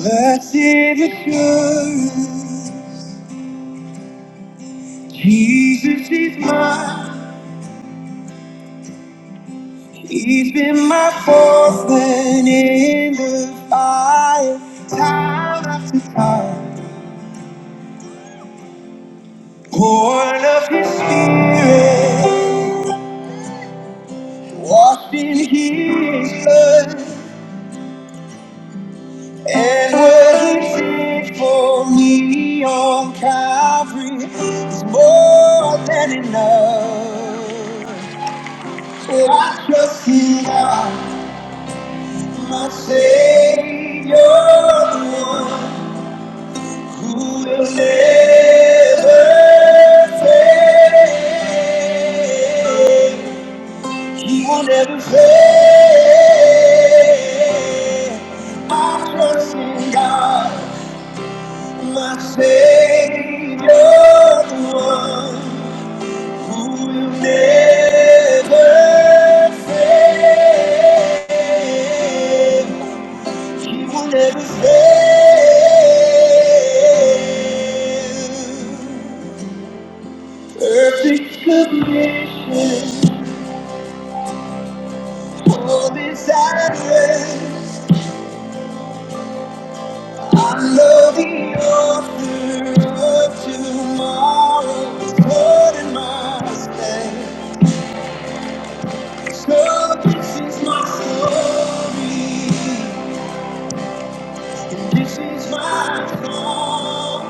Blessed assurance, Jesus is mine. He's been my fourth man in the fire, time after time. Born of His Spirit, washed in His blood, and what He did for me on Calvary is more than enough. So I trust in God. My Savior, the one who will never fail. He will never fail. I trust in God, my Savior, the one who will never fail. You will never fail. Perfect submission, all desirous. I am loving the author of tomorrow. It's Lord in my stand. So this is my story, and this is my song.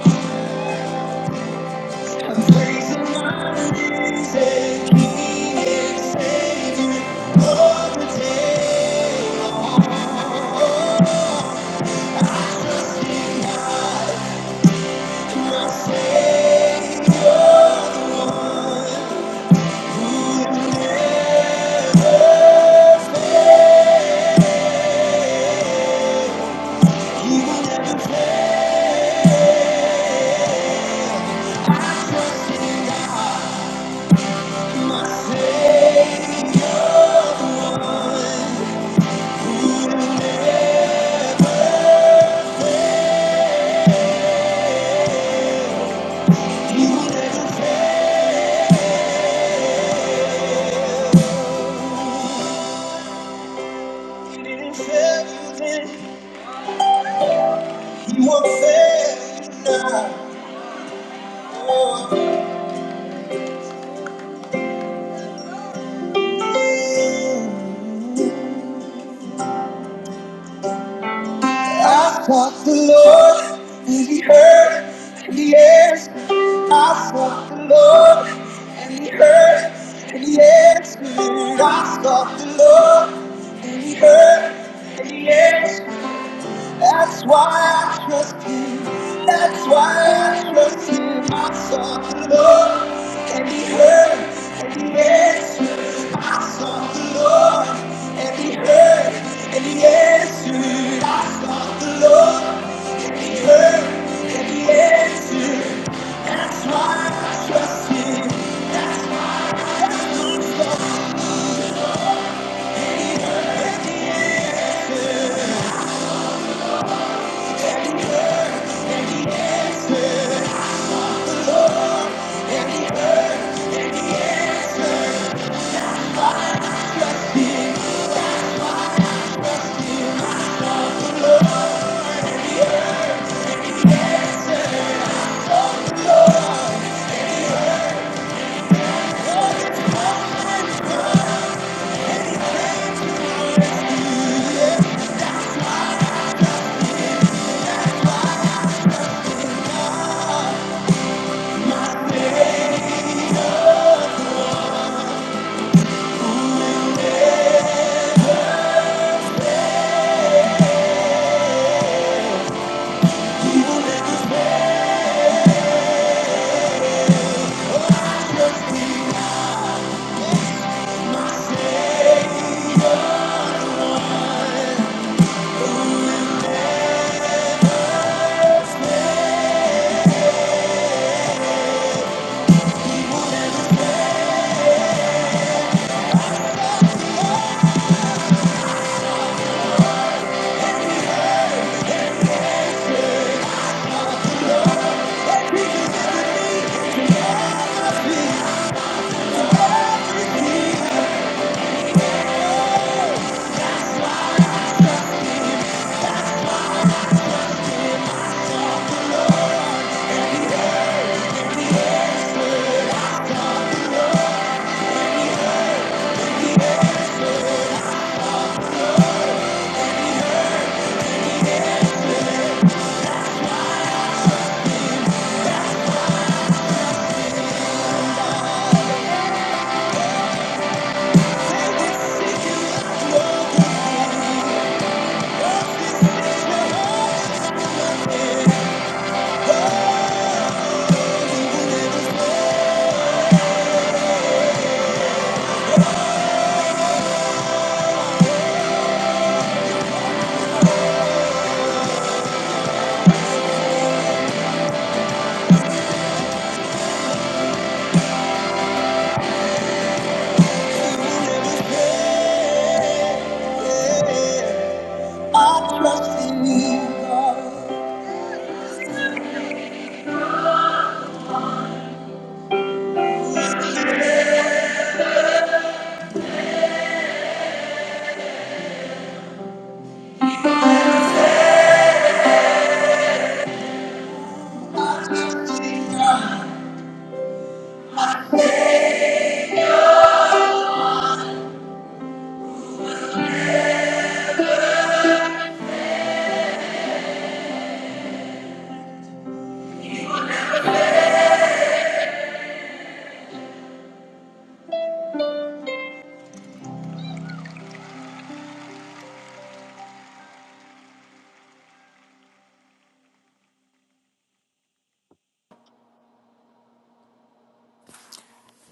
You were fair now. I sought the Lord, and He heard, and He answered. I sought the Lord, and He heard, and He answered. I sought the Lord, and He heard, and He answered. That's why I trust Him. That's why I trust Him. I sought the Lord, and He heard, and He answered. I sought the Lord, and He heard, and He answered. I sought the Lord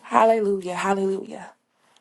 Hallelujah. Hallelujah.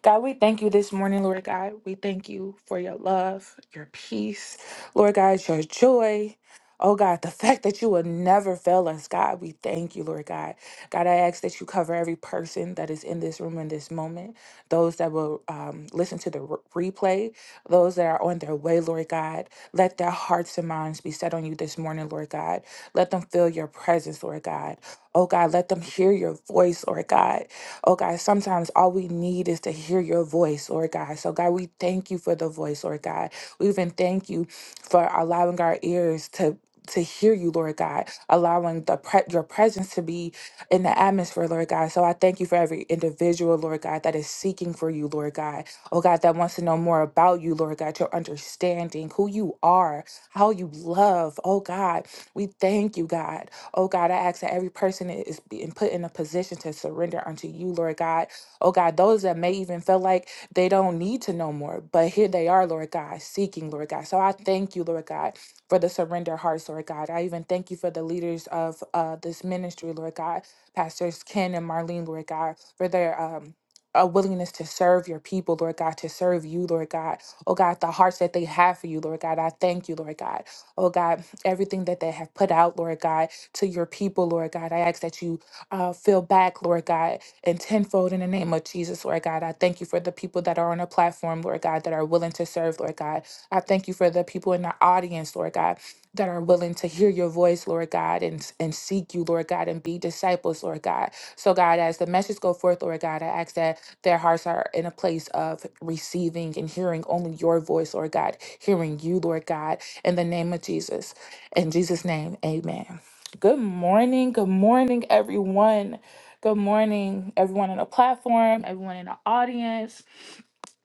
God, we thank you this morning, Lord God. We thank you for your love, your peace, Lord God, your joy. Oh God, the fact that you will never fail us, God, we thank you, Lord God. God, I ask that you cover every person that is in this room in this moment, those that will um, listen to the re- replay, those that are on their way, Lord God. Let their hearts and minds be set on you this morning, Lord God. Let them feel your presence, Lord God. Oh God, let them hear your voice, Lord God. Oh God, sometimes all we need is to hear your voice, Lord God. So God, we thank you for the voice, Lord God. We even thank you for allowing our ears to to hear you, Lord God, allowing the pre- your presence to be in the atmosphere, Lord God. So I thank you for every individual, Lord God, that is seeking for you, Lord God. Oh God, that wants to know more about you, Lord God, your understanding, who you are, how you love. Oh God, we thank you, God. Oh God, I ask that every person that is being put in a position to surrender unto you, Lord God. Oh God, those that may even feel like they don't need to know more, but here they are, Lord God, seeking, Lord God. So I thank you, Lord God, for the surrender hearts, Lord God. I even thank you for the leaders of uh, this ministry, Lord God, Pastors Ken and Marlene, Lord God, for their um, a willingness to serve your people, Lord God, to serve you, Lord God. Oh God, the hearts that they have for you, Lord God, I thank you, Lord God oh God, everything that they have put out, Lord God, to your people, Lord God. I ask that you uh, fill back, Lord God, and tenfold in the name of Jesus, Lord God. I thank you for the people that are on the platform, Lord God, that are willing to serve, Lord God. I thank you for the people in the audience, Lord God, that are willing to hear your voice, Lord God, and, and seek you, Lord God, and be disciples, Lord God. So, God, as the message go forth, Lord God, I ask that their hearts are in a place of receiving and hearing only your voice, Lord God, hearing you, Lord God in the name of Jesus. In Jesus' name, amen. Good morning. Good morning, everyone. Good morning, everyone on the platform, everyone in the audience.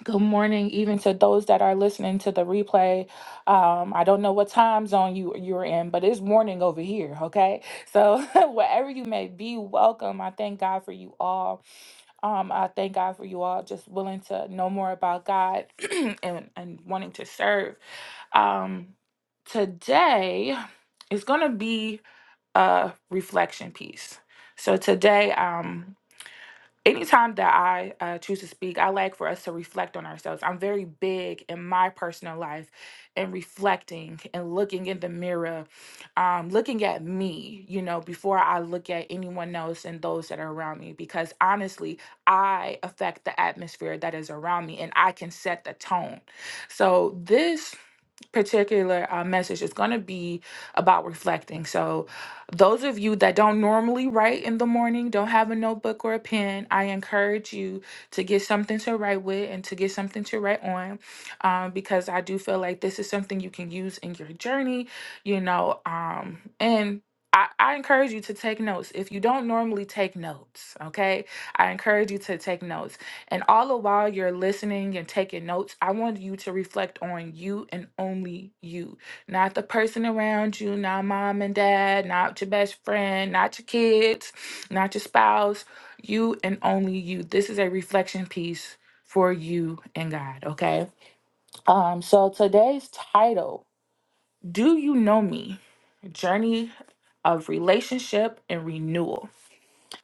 Good morning, even to those that are listening to the replay. Um, I don't know what time zone you you're in, but it's morning over here. Okay, so wherever you may be, welcome. I thank God for you all. Um, I thank God for you all just willing to know more about God and, and wanting to serve. Um, today is going to be a reflection piece. So today, um, anytime that I uh, choose to speak, I like for us to reflect on ourselves. I'm very big in my personal life and reflecting and looking in the mirror, um, looking at me, you know, before I look at anyone else and those that are around me, because honestly, I affect the atmosphere that is around me and I can set the tone. So this particular uh, message is going to be about reflecting. So, those of you that don't normally write in the morning, don't have a notebook or a pen, I encourage you to get something to write with and to get something to write on um, because I do feel like this is something you can use in your journey, you know. Um, and I, I encourage you to take notes. If you don't normally take notes, okay, I encourage you to take notes and all the while you're listening and taking notes, I want you to reflect on you and only you, not the person around you, not mom and dad, not your best friend, not your kids, not your spouse, you and only you. This is a reflection piece for you and God, okay? Um so today's title, Do You Know Me? Journey of relationship and renewal.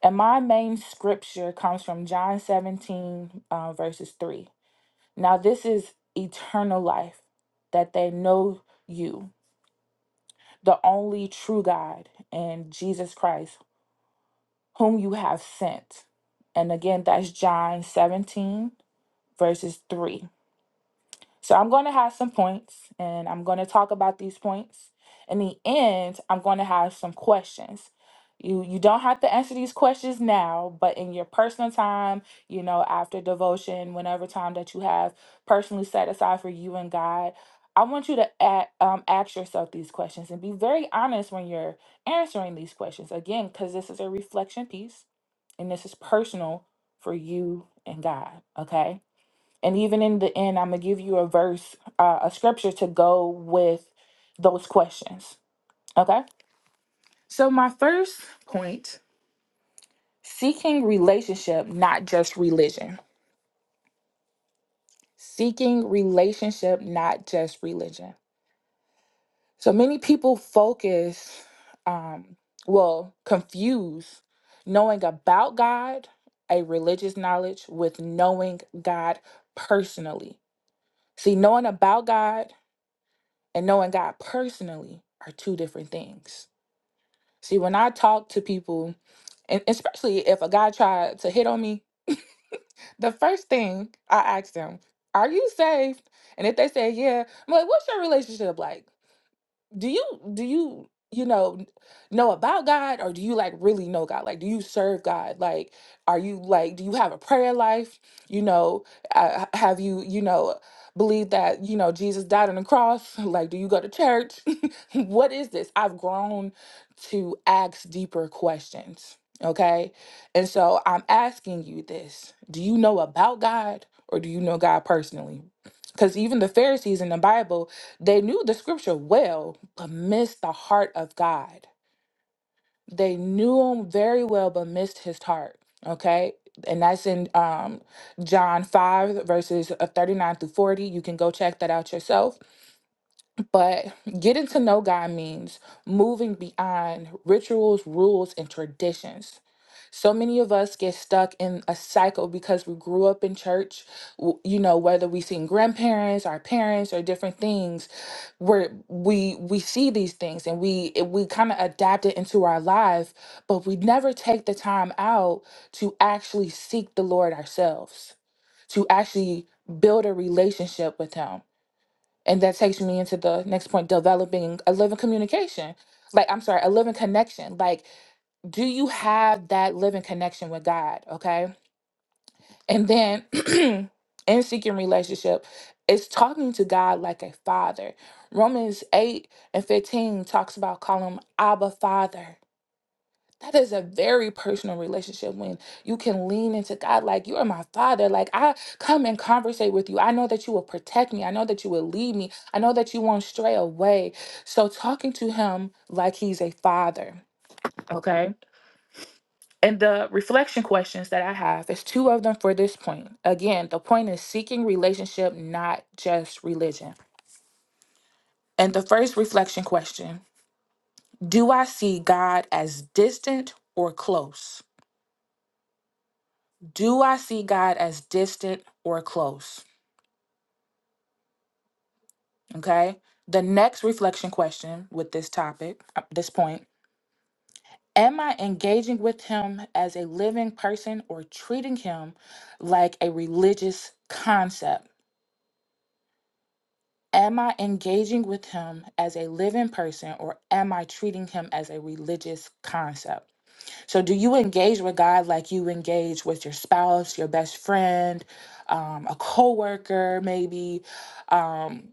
And my main scripture comes from John 17, uh, verses 3. Now, this is eternal life that they know you, the only true God, and Jesus Christ, whom you have sent. And again, that's John 17, verses 3. So I'm going to have some points and I'm going to talk about these points. In the end, I'm going to have some questions. You you don't have to answer these questions now, but in your personal time, you know, after devotion, whenever time that you have personally set aside for you and God, I want you to a- um, ask yourself these questions and be very honest when you're answering these questions. Again, because this is a reflection piece and this is personal for you and God. Okay. And even in the end, I'm going to give you a verse, uh, a scripture to go with those questions. Okay. So, my first point seeking relationship, not just religion. Seeking relationship, not just religion. So, many people focus, um, well, confuse knowing about God, a religious knowledge, with knowing God personally. See, knowing about God and knowing God personally are two different things. See, when I talk to people, and especially if a guy tried to hit on me, the first thing I ask them, Are you saved? And if they say, Yeah, I'm like, What's your relationship like? do you do you you know know about God or do you like really know God? Like do you serve God? Like are you like do you have a prayer life? You know, uh, h- have you you know believe that you know Jesus died on the cross? Like do you go to church? what is this? I've grown to ask deeper questions. Okay? And so I'm asking you this. Do you know about God or do you know God personally? Cuz even the Pharisees in the Bible they knew the scripture well, but missed the heart of God. They knew him very well, but missed his heart. Okay. And that's in um, John 5, verses uh, 39 through 40. You can go check that out yourself. But getting to know God means moving beyond rituals, rules, and traditions. So many of us get stuck in a cycle because we grew up in church. w- You know, whether we seen grandparents, our parents, or different things, where we we see these things and we it- we kind of adapt it into our life, but we never take the time out to actually seek the Lord ourselves, to actually build a relationship with Him and that takes me into the next point developing a living communication. Like, I'm sorry, a living connection. Like, do you have that living connection with God? Okay. And then in seeking relationship, it's talking to God like a father. Romans 8 and 15 talks about calling him Abba Father that is a very personal relationship when you can lean into God like you are my father. Like I come and conversate with you. I know that you will protect me. I know that you will lead me. I know that you won't stray away. So talking to him like he's a father. Okay. And the reflection questions that I have is two of them for this point. Again, the point is seeking relationship, not just religion. And the first reflection question, do I see God as distant or close? Do I see God as distant or close? Okay. The next reflection question with this topic, uh, this point, am I engaging with Him as a living person or treating Him like a religious concept? Am I engaging with Him as a living person or am I treating Him as a religious concept? So, do you engage with God like you engage with your spouse, your best friend, um, a coworker, maybe? Um,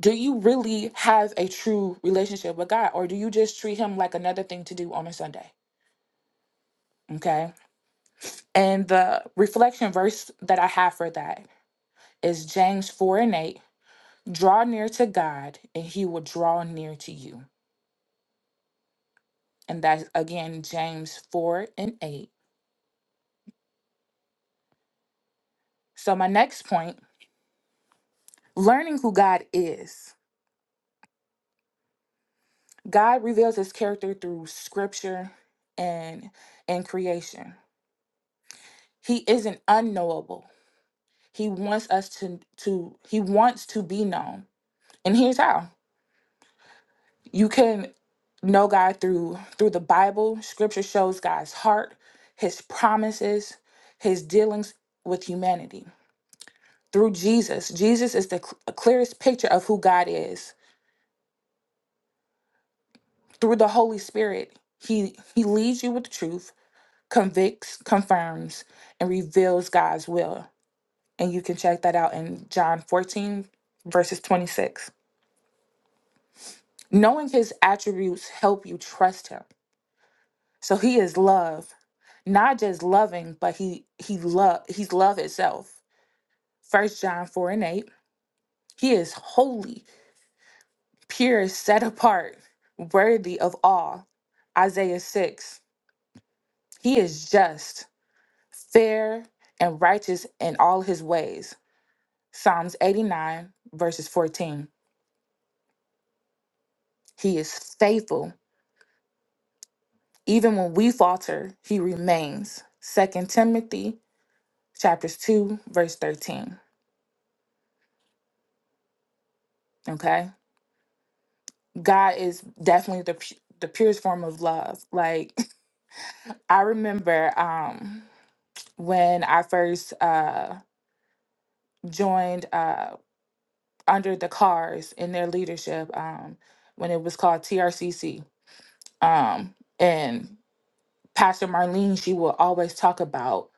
do you really have a true relationship with God or do you just treat him like another thing to do on a Sunday? Okay. And the reflection verse that I have for that is James 4 and 8 draw near to God and he will draw near to you. And that's again James 4 and 8. So, my next point learning who God is. God reveals his character through scripture and, and creation. He isn't unknowable He wants us to to he wants to be known. And here's how. You can know God through through the Bible. Scripture shows God's heart, his promises, his dealings with humanity. Through Jesus, Jesus is the cl- clearest picture of who God is. Through the Holy Spirit, he he leads you with the truth, convicts, confirms, and reveals God's will. And you can check that out in John 14 verses 26. Knowing his attributes help you trust him. So he is love, not just loving, but he he love he's love itself. First John 4 and 8. He is holy, pure, set apart, worthy of awe. Isaiah 6. He is just, fair, and righteous in all his ways. Psalms 89, verses 14. He is faithful. Even when we falter, he remains. Second Timothy chapters 2 verse 13 okay god is definitely the pu- the purest form of love like i remember um when i first uh joined uh under the cars in their leadership um when it was called trcc um and pastor marlene she will always talk about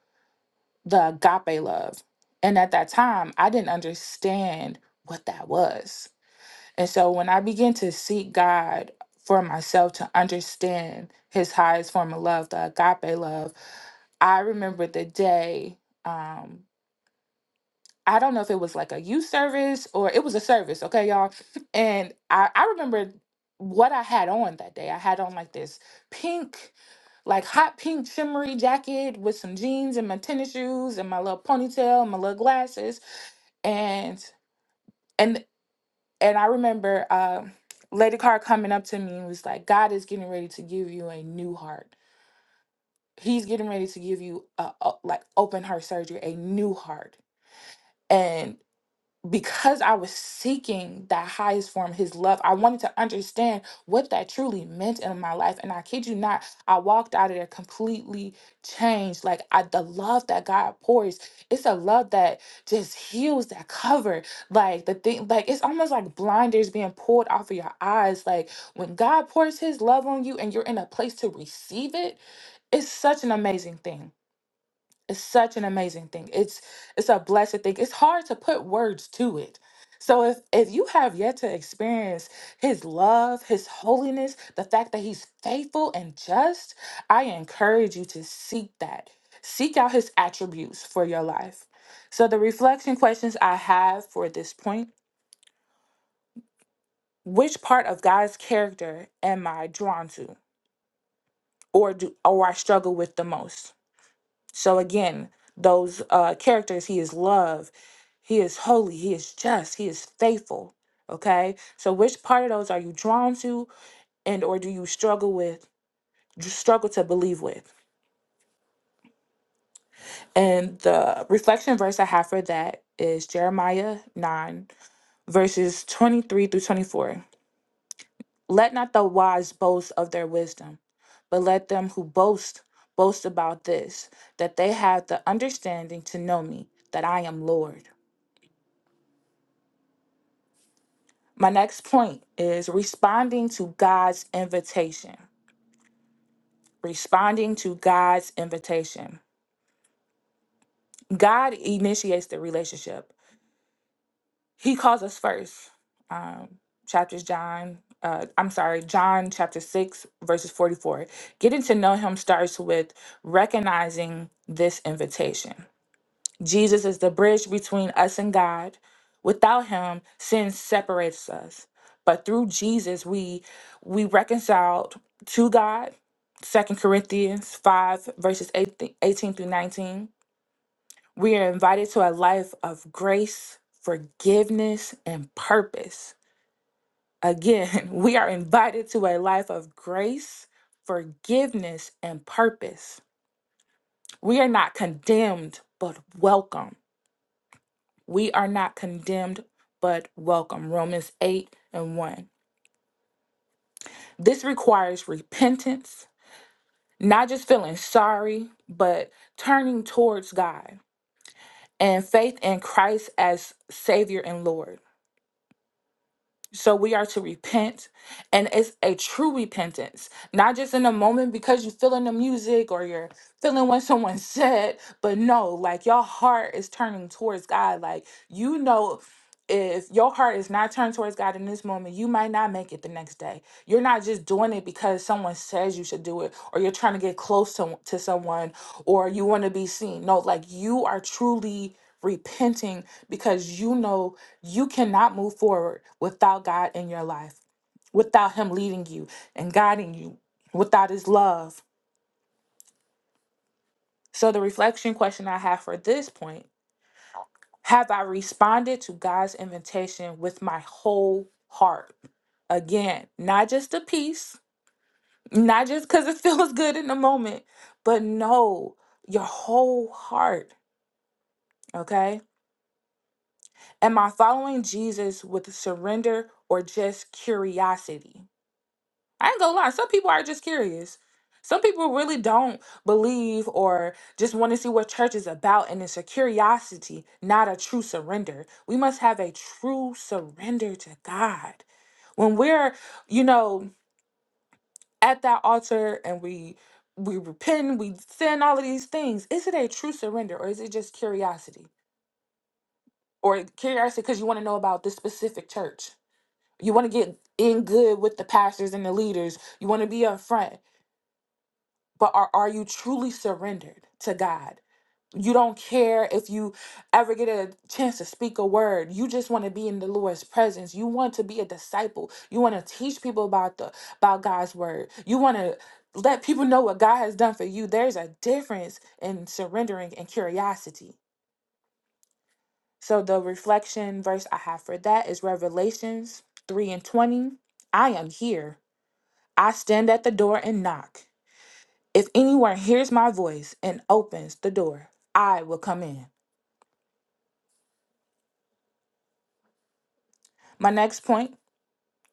the agape love and at that time i didn't understand what that was And so when I begin to seek God for myself to understand his highest form of love, the agape love, I remember the day. Um, I don't know if it was like a youth service or it was a service, okay, y'all. And I, I remember what I had on that day. I had on like this pink, like hot pink shimmery jacket with some jeans and my tennis shoes and my little ponytail and my little glasses. And and and I remember uh, Lady Carr coming up to me and was like, "God is getting ready to give you a new heart. He's getting ready to give you a a- like open heart surgery, a new heart." And because I was seeking that highest form, his love, I wanted to understand what that truly meant in my life. And I kid you not, I walked out of there completely changed. Like I, the love that God pours, it's a love that just heals, that cover. Like the thing, like it's almost like blinders being pulled off of your eyes. Like when God pours his love on you and you're in a place to receive it, it's such an amazing thing. It's such an amazing thing. It's it's a blessed thing. It's hard to put words to it. So if if you have yet to experience his love, his holiness, the fact that he's faithful and just, I encourage you to seek that. Seek out his attributes for your life. So the reflection questions I have for this point, which part of God's character am I drawn to or do or I struggle with the most? So again, those uh, characters, he is love, he is holy, he is just, he is faithful. Okay, so which part of those are you drawn to, and or do you struggle with, struggle to believe with? And the reflection verse I have for that is Jeremiah nine verses twenty three through twenty four. Let not the wise boast of their wisdom, but let them who boast boast about this, that they have the understanding to know me, that I am Lord. My next point is responding to God's invitation. Responding to God's invitation. God initiates the relationship. He calls us first. Um, chapters John, uh, I'm sorry, John chapter 6, verses 44. Getting to know him starts with recognizing this invitation. Jesus is the bridge between us and God. Without him, sin separates us. But through Jesus, we we reconciled to God. Second Corinthians 5, verses 18, 18 through 19. We are invited to a life of grace, forgiveness, and purpose. Again, we are invited to a life of grace, forgiveness, and purpose. We are not condemned, but welcome. We are not condemned, but welcome. Romans 8 and 1. This requires repentance, not just feeling sorry, but turning towards God and faith in Christ as Savior and Lord. So we are to repent, and it's a true repentance, not just in a moment because you're feeling the music or you're feeling what someone said, but no, like your heart is turning towards God. Like you know, if your heart is not turned towards God in this moment, you might not make it the next day. You're not just doing it because someone says you should do it, or you're trying to get close to, to someone, or you want to be seen. No, like you are truly repenting because you know you cannot move forward without God in your life, without Him leading you and guiding you, without His love. So, the reflection question I have for this point have I responded to God's invitation with my whole heart? Again, not just a piece, not just because it feels good in the moment, but no, your whole heart. Okay. Am I following Jesus with surrender or just curiosity? I ain't gonna lie, some people are just curious. Some people really don't believe or just want to see what church is about, and it's a curiosity, not a true surrender. We must have a true surrender to God. When we're, you know, at that altar and we we repent, we sin, all of these things, is it a true surrender or is it just curiosity? Or curiosity because you want to know about this specific church. You want to get in good with the pastors and the leaders. You want to be up front but are, are you truly surrendered to God? You don't care if you ever get a chance to speak a word. You just want to be in the Lord's presence. You want to be a disciple. You want to teach people about the about God's word. You want to let people know what God has done for you. There's a difference in surrendering and curiosity. So the reflection verse I have for that is Revelations 3 and 20. I am here. I stand at the door and knock. If anyone hears my voice and opens the door, I will come in. My next point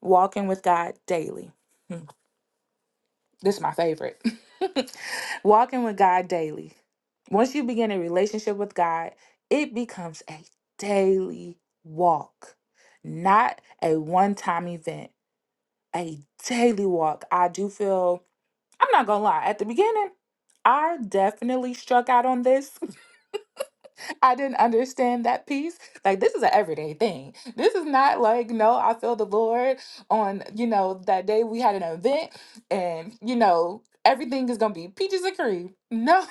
walking with God daily. Hmm, This is my favorite. walking with God daily. Once you begin a relationship with God, it becomes a daily walk, not a one time event, a daily walk. I do feel, I'm not gonna lie, at the beginning, I definitely struck out on this I didn't understand that piece. Like, this is an everyday thing. This is not like, no, I feel the Lord on, you know, that day we had an event and, you know, everything is going to be peaches and cream. No,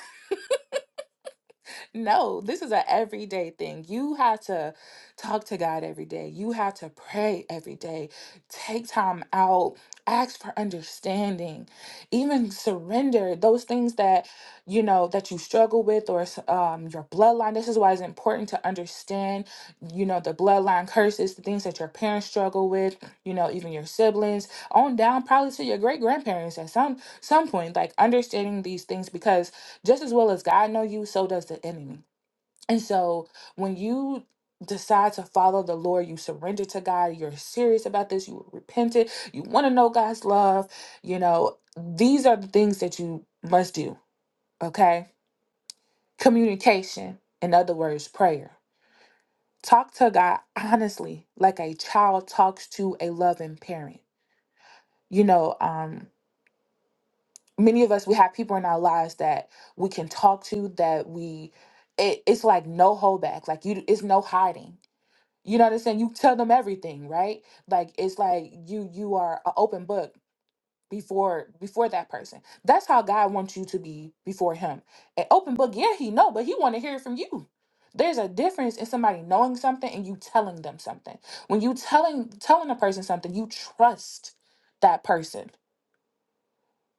no, this is an everyday thing. You have to talk to God every day. You have to pray every day. Take time out. Ask for understanding. Even surrender those things that you know that you struggle with or s- um, your bloodline. This is why it's important to understand, you know, the bloodline curses, the things that your parents struggle with. You know, even your siblings on down, probably to your great grandparents at some some point. Like understanding these things because just as well as God know you, so does the enemy. And so when you decide to follow the Lord, you surrender to God, you're serious about this, you repented, you want to know God's love, you know, these are the things that you must do, okay? Communication, in other words, prayer. Talk to God honestly, like a child talks to a loving parent. You know, um many of us we have people in our lives that we can talk to that we it, it's like no holdback like you it's no hiding you know what i'm saying you tell them everything right like it's like you you are an open book before before that person that's how god wants you to be before him an open book yeah he know but he want to hear it from you there's a difference in somebody knowing something and you telling them something when you telling telling a person something you trust that person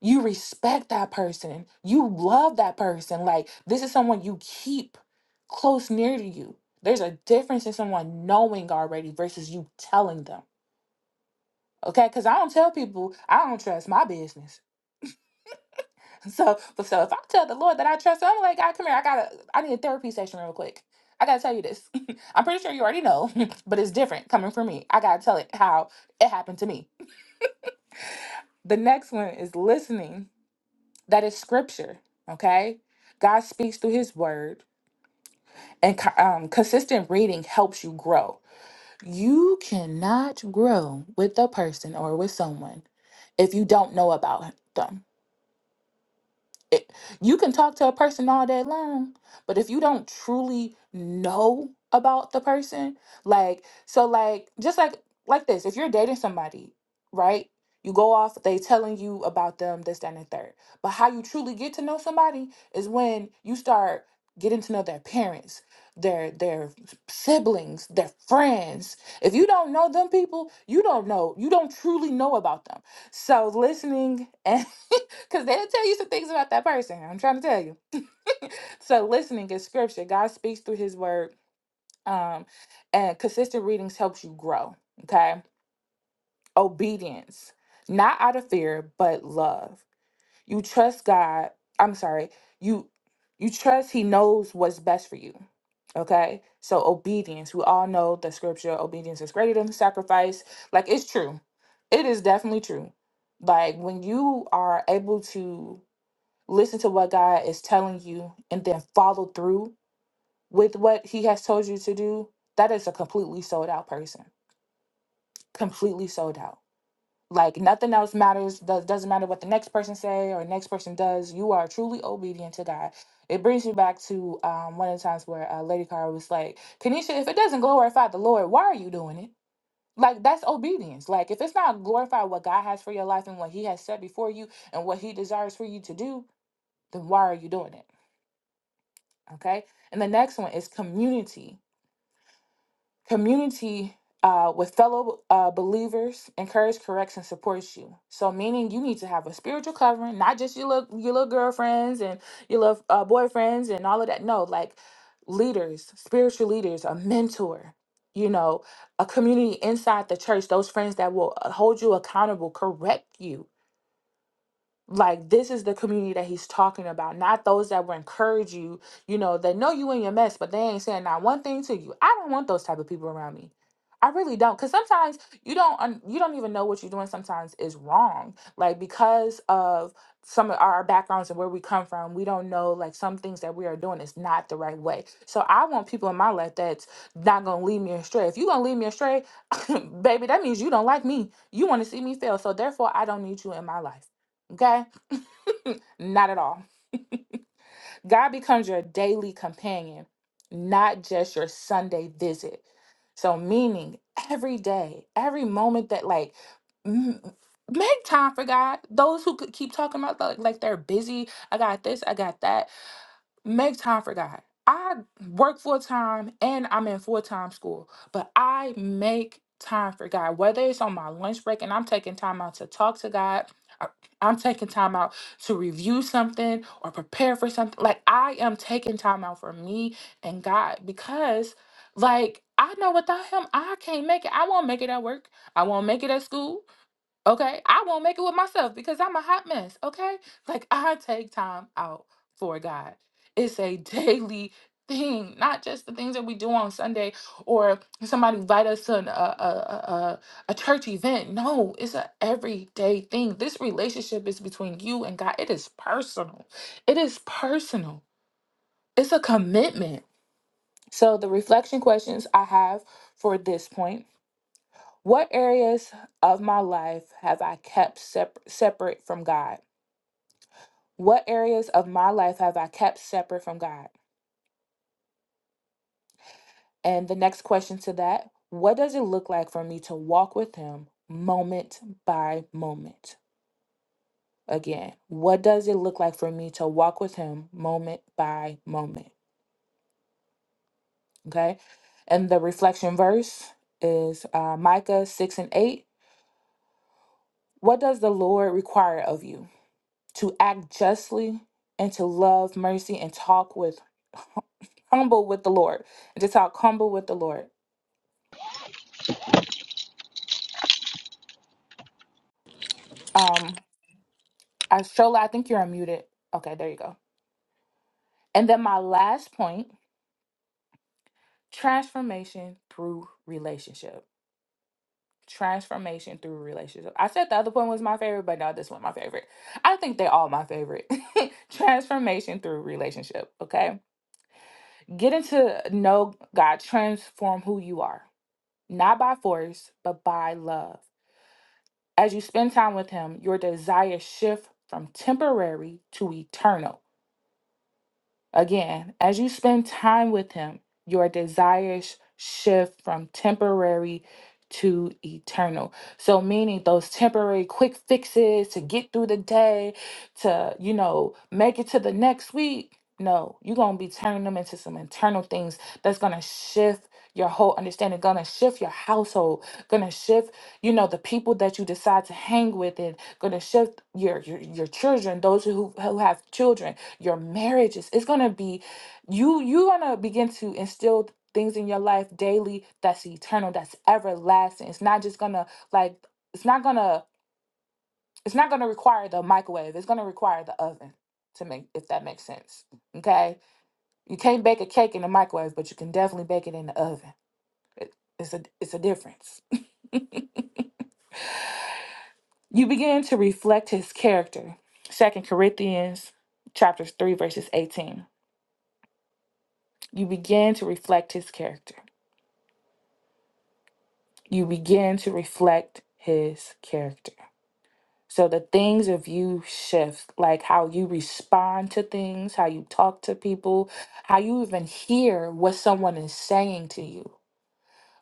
you respect that person. You love that person. Like, this is someone you keep close near to you. There's a difference in someone knowing already versus you telling them. Okay, because I don't tell people I don't trust my business. So, but so if I tell the Lord that I trust him, I'm like, God, come here. I gotta, I need a therapy session real quick. I gotta tell you this. I'm pretty sure you already know, but it's different coming from me. I gotta tell it how it happened to me. The next one is listening That is scripture, okay? God speaks through his word, and co- um, consistent reading helps you grow. You cannot grow with a person or with someone if you don't know about them it, you can talk to a person all day long, but if you don't truly know about the person, like so like just like like this, if you're dating somebody, right? You go off, they telling you about them, this, that, and the third. But how you truly get to know somebody is when you start getting to know their parents, their their siblings, their friends. If you don't know them people, you don't know, you don't truly know about them. So listening and Because they'll tell you some things about that person. I'm trying to tell you. So listening is scripture. God speaks through his word. Um, and consistent readings helps you grow. Okay. Obedience, not out of fear, but love. You trust God. I'm sorry. You you trust he knows what's best for you. Okay. So obedience. We all know the scripture, obedience is greater than sacrifice. Like it's true. It is definitely true. Like when you are able to listen to what God is telling you and then follow through with what he has told you to do, that is a completely sold out person. Completely sold out. Like nothing else matters. Does doesn't matter what the next person say or next person does. You are truly obedient to God. It brings me back to um, one of the times where uh, Lady Car was like, "Kenisha, if it doesn't glorify the Lord, why are you doing it? Like that's obedience. Like if it's not glorify what God has for your life and what He has set before you and what He desires for you to do, then why are you doing it? Okay. And the next one is community. Community uh, with fellow uh, believers encourage, corrects, and supports you. So, meaning you need to have a spiritual covering, not just your little, your little girlfriends and your little uh, boyfriends and all of that. No, like leaders, spiritual leaders, a mentor, you know, a community inside the church, those friends that will uh, hold you accountable, correct you, like this is the community that he's talking about not those that will encourage you you know they know you in your mess but they ain't saying not one thing to you i don't want those type of people around me i really don't because sometimes you don't un- you don't even know what you're doing sometimes is wrong like because of some of our backgrounds and where we come from we don't know like some things that we are doing is not the right way so i want people in my life that's not gonna lead me astray if you're gonna lead me astray baby that means you don't like me you want to see me fail so therefore i don't need you in my life okay not at all. God becomes your daily companion, not just your Sunday visit. So, meaning every day, every moment that, like, m- make time for God. Those who could keep talking about, like, like they're busy, I got this, I got that. Make time for God. I work full time and I'm in full time school, but I make time for God, whether it's on my lunch break and I'm taking time out to talk to God. or I'm taking time out to review something or prepare for something. Like, I am taking time out for me and God because, like, I know without Him, I can't make it. I won't make it at work. I won't make it at school. Okay. I won't make it with myself because I'm a hot mess. Okay. Like I take time out for God. It's a daily thing, not just the things that we do on Sunday or somebody invite us to an, a, a, a, a church event. No, it's an everyday thing. This relationship is between you and God. It is personal. It is personal. It's a commitment. So the reflection questions I have for this point what areas of my life have I kept sep- separate from God? What areas of my life have I kept separate from God? And the next question to that, what does it look like for me to walk with Him moment by moment? Again, what does it look like for me to walk with Him moment by moment? Okay. And the reflection verse is uh, Micah 6 and 8. What does the Lord require of you? to act justly and to love mercy and talk with humble with the Lord and to talk humble with the Lord. Um, I Shola, I think you're unmuted. Okay, there you go. And then my last point: transformation through relationship. Transformation through relationship. I said the other one was my favorite, but now this one my favorite. I think they all my favorite. transformation through relationship. Okay, getting to know God transform who you are, not by force, but by love. As you spend time with Him, your desires shift from temporary to eternal. Again, as you spend time with Him, your desires shift from temporary to eternal. So, meaning those temporary quick fixes to get through the day, to, you know, make it to the next week. No, you're going to be turning them into some internal things that's going to shift your whole understanding, going to shift your household, going to shift, you know, the people that you decide to hang with and going to shift your, your, your children, those who, who have children your marriages it's going to be you you're going to begin to instill things in your life daily that's eternal that's everlasting it's not just going to like it's not going to it's not going to require the microwave it's going to require the oven to make if that makes sense okay you can't bake a cake in the microwave but you can definitely bake it in the oven it's a it's a difference you begin to reflect his character second corinthians chapters 3 verses 18 you begin to reflect his character you begin to reflect his character. So the things of you shift, like how you respond to things, how you talk to people, how you even hear what someone is saying to you.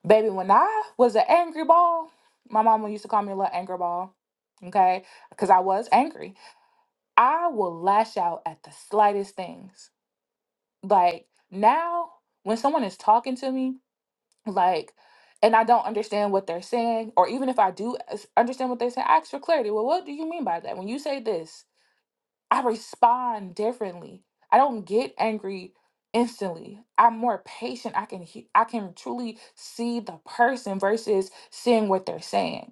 Baby, when I was an angry ball, my mama used to call me a little angry ball, okay? Because I was angry. I will lash out at the slightest things. Like now, when someone is talking to me, like and i don't understand what they're saying or even if i do as- understand what they're saying i ask for clarity well what do you mean by that when you say this i respond differently i don't get angry instantly i'm more patient i can he- i can truly see the person versus seeing what they're saying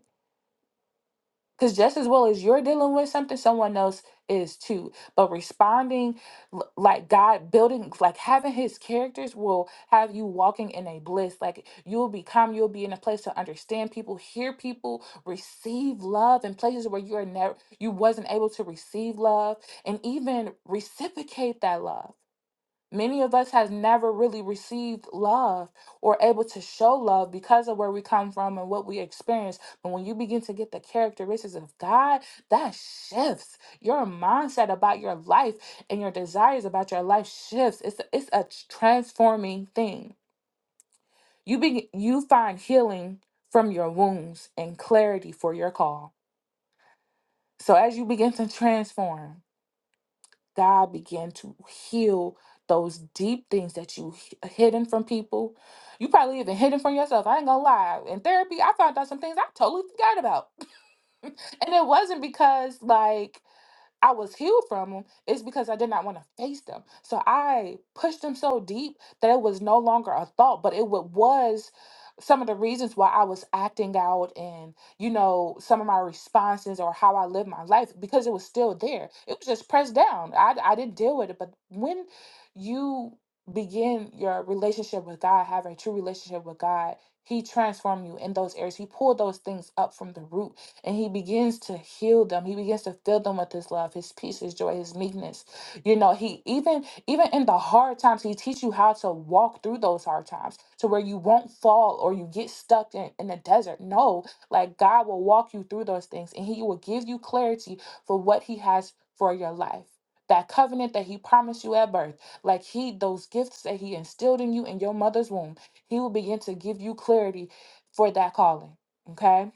because just as well as you're dealing with something, someone else is too. But responding l- like God building, like having his characters will have you walking in a bliss. Like you'll become, you'll be in a place to understand people, hear people, receive love in places where you are never you wasn't able to receive love and even reciprocate that love. Many of us has never really received love or able to show love because of where we come from and what we experience. But when you begin to get the characteristics of God, that shifts your mindset about your life and your desires about your life shifts. It's a, it's a transforming thing. You begin you find healing from your wounds and clarity for your call. So as you begin to transform, God began to heal those deep things that you h- hidden from people. You probably even hidden from yourself. I ain't gonna lie. In therapy, I found out some things I totally forgot about. and it wasn't because like I was healed from them is because I did not want to face them. So I pushed them so deep that it was no longer a thought, but it wa- was some of the reasons why I was acting out and, you know, some of my responses or how I lived my life because it was still there. It was just pressed down. I, I didn't deal with it. But when you begin your relationship with God, have a true relationship with God, He transformed you in those areas. He pulled those things up from the root and he begins to heal them he begins to fill them with his love his peace his joy his meekness you know he even even in the hard times he teach you how to walk through those hard times to where you won't fall or you get stuck in, in the desert no like god will walk you through those things and he will give you clarity for what he has for your life that covenant that he promised you at birth like he those gifts that he instilled in you in your mother's womb he will begin to give you clarity for that calling okay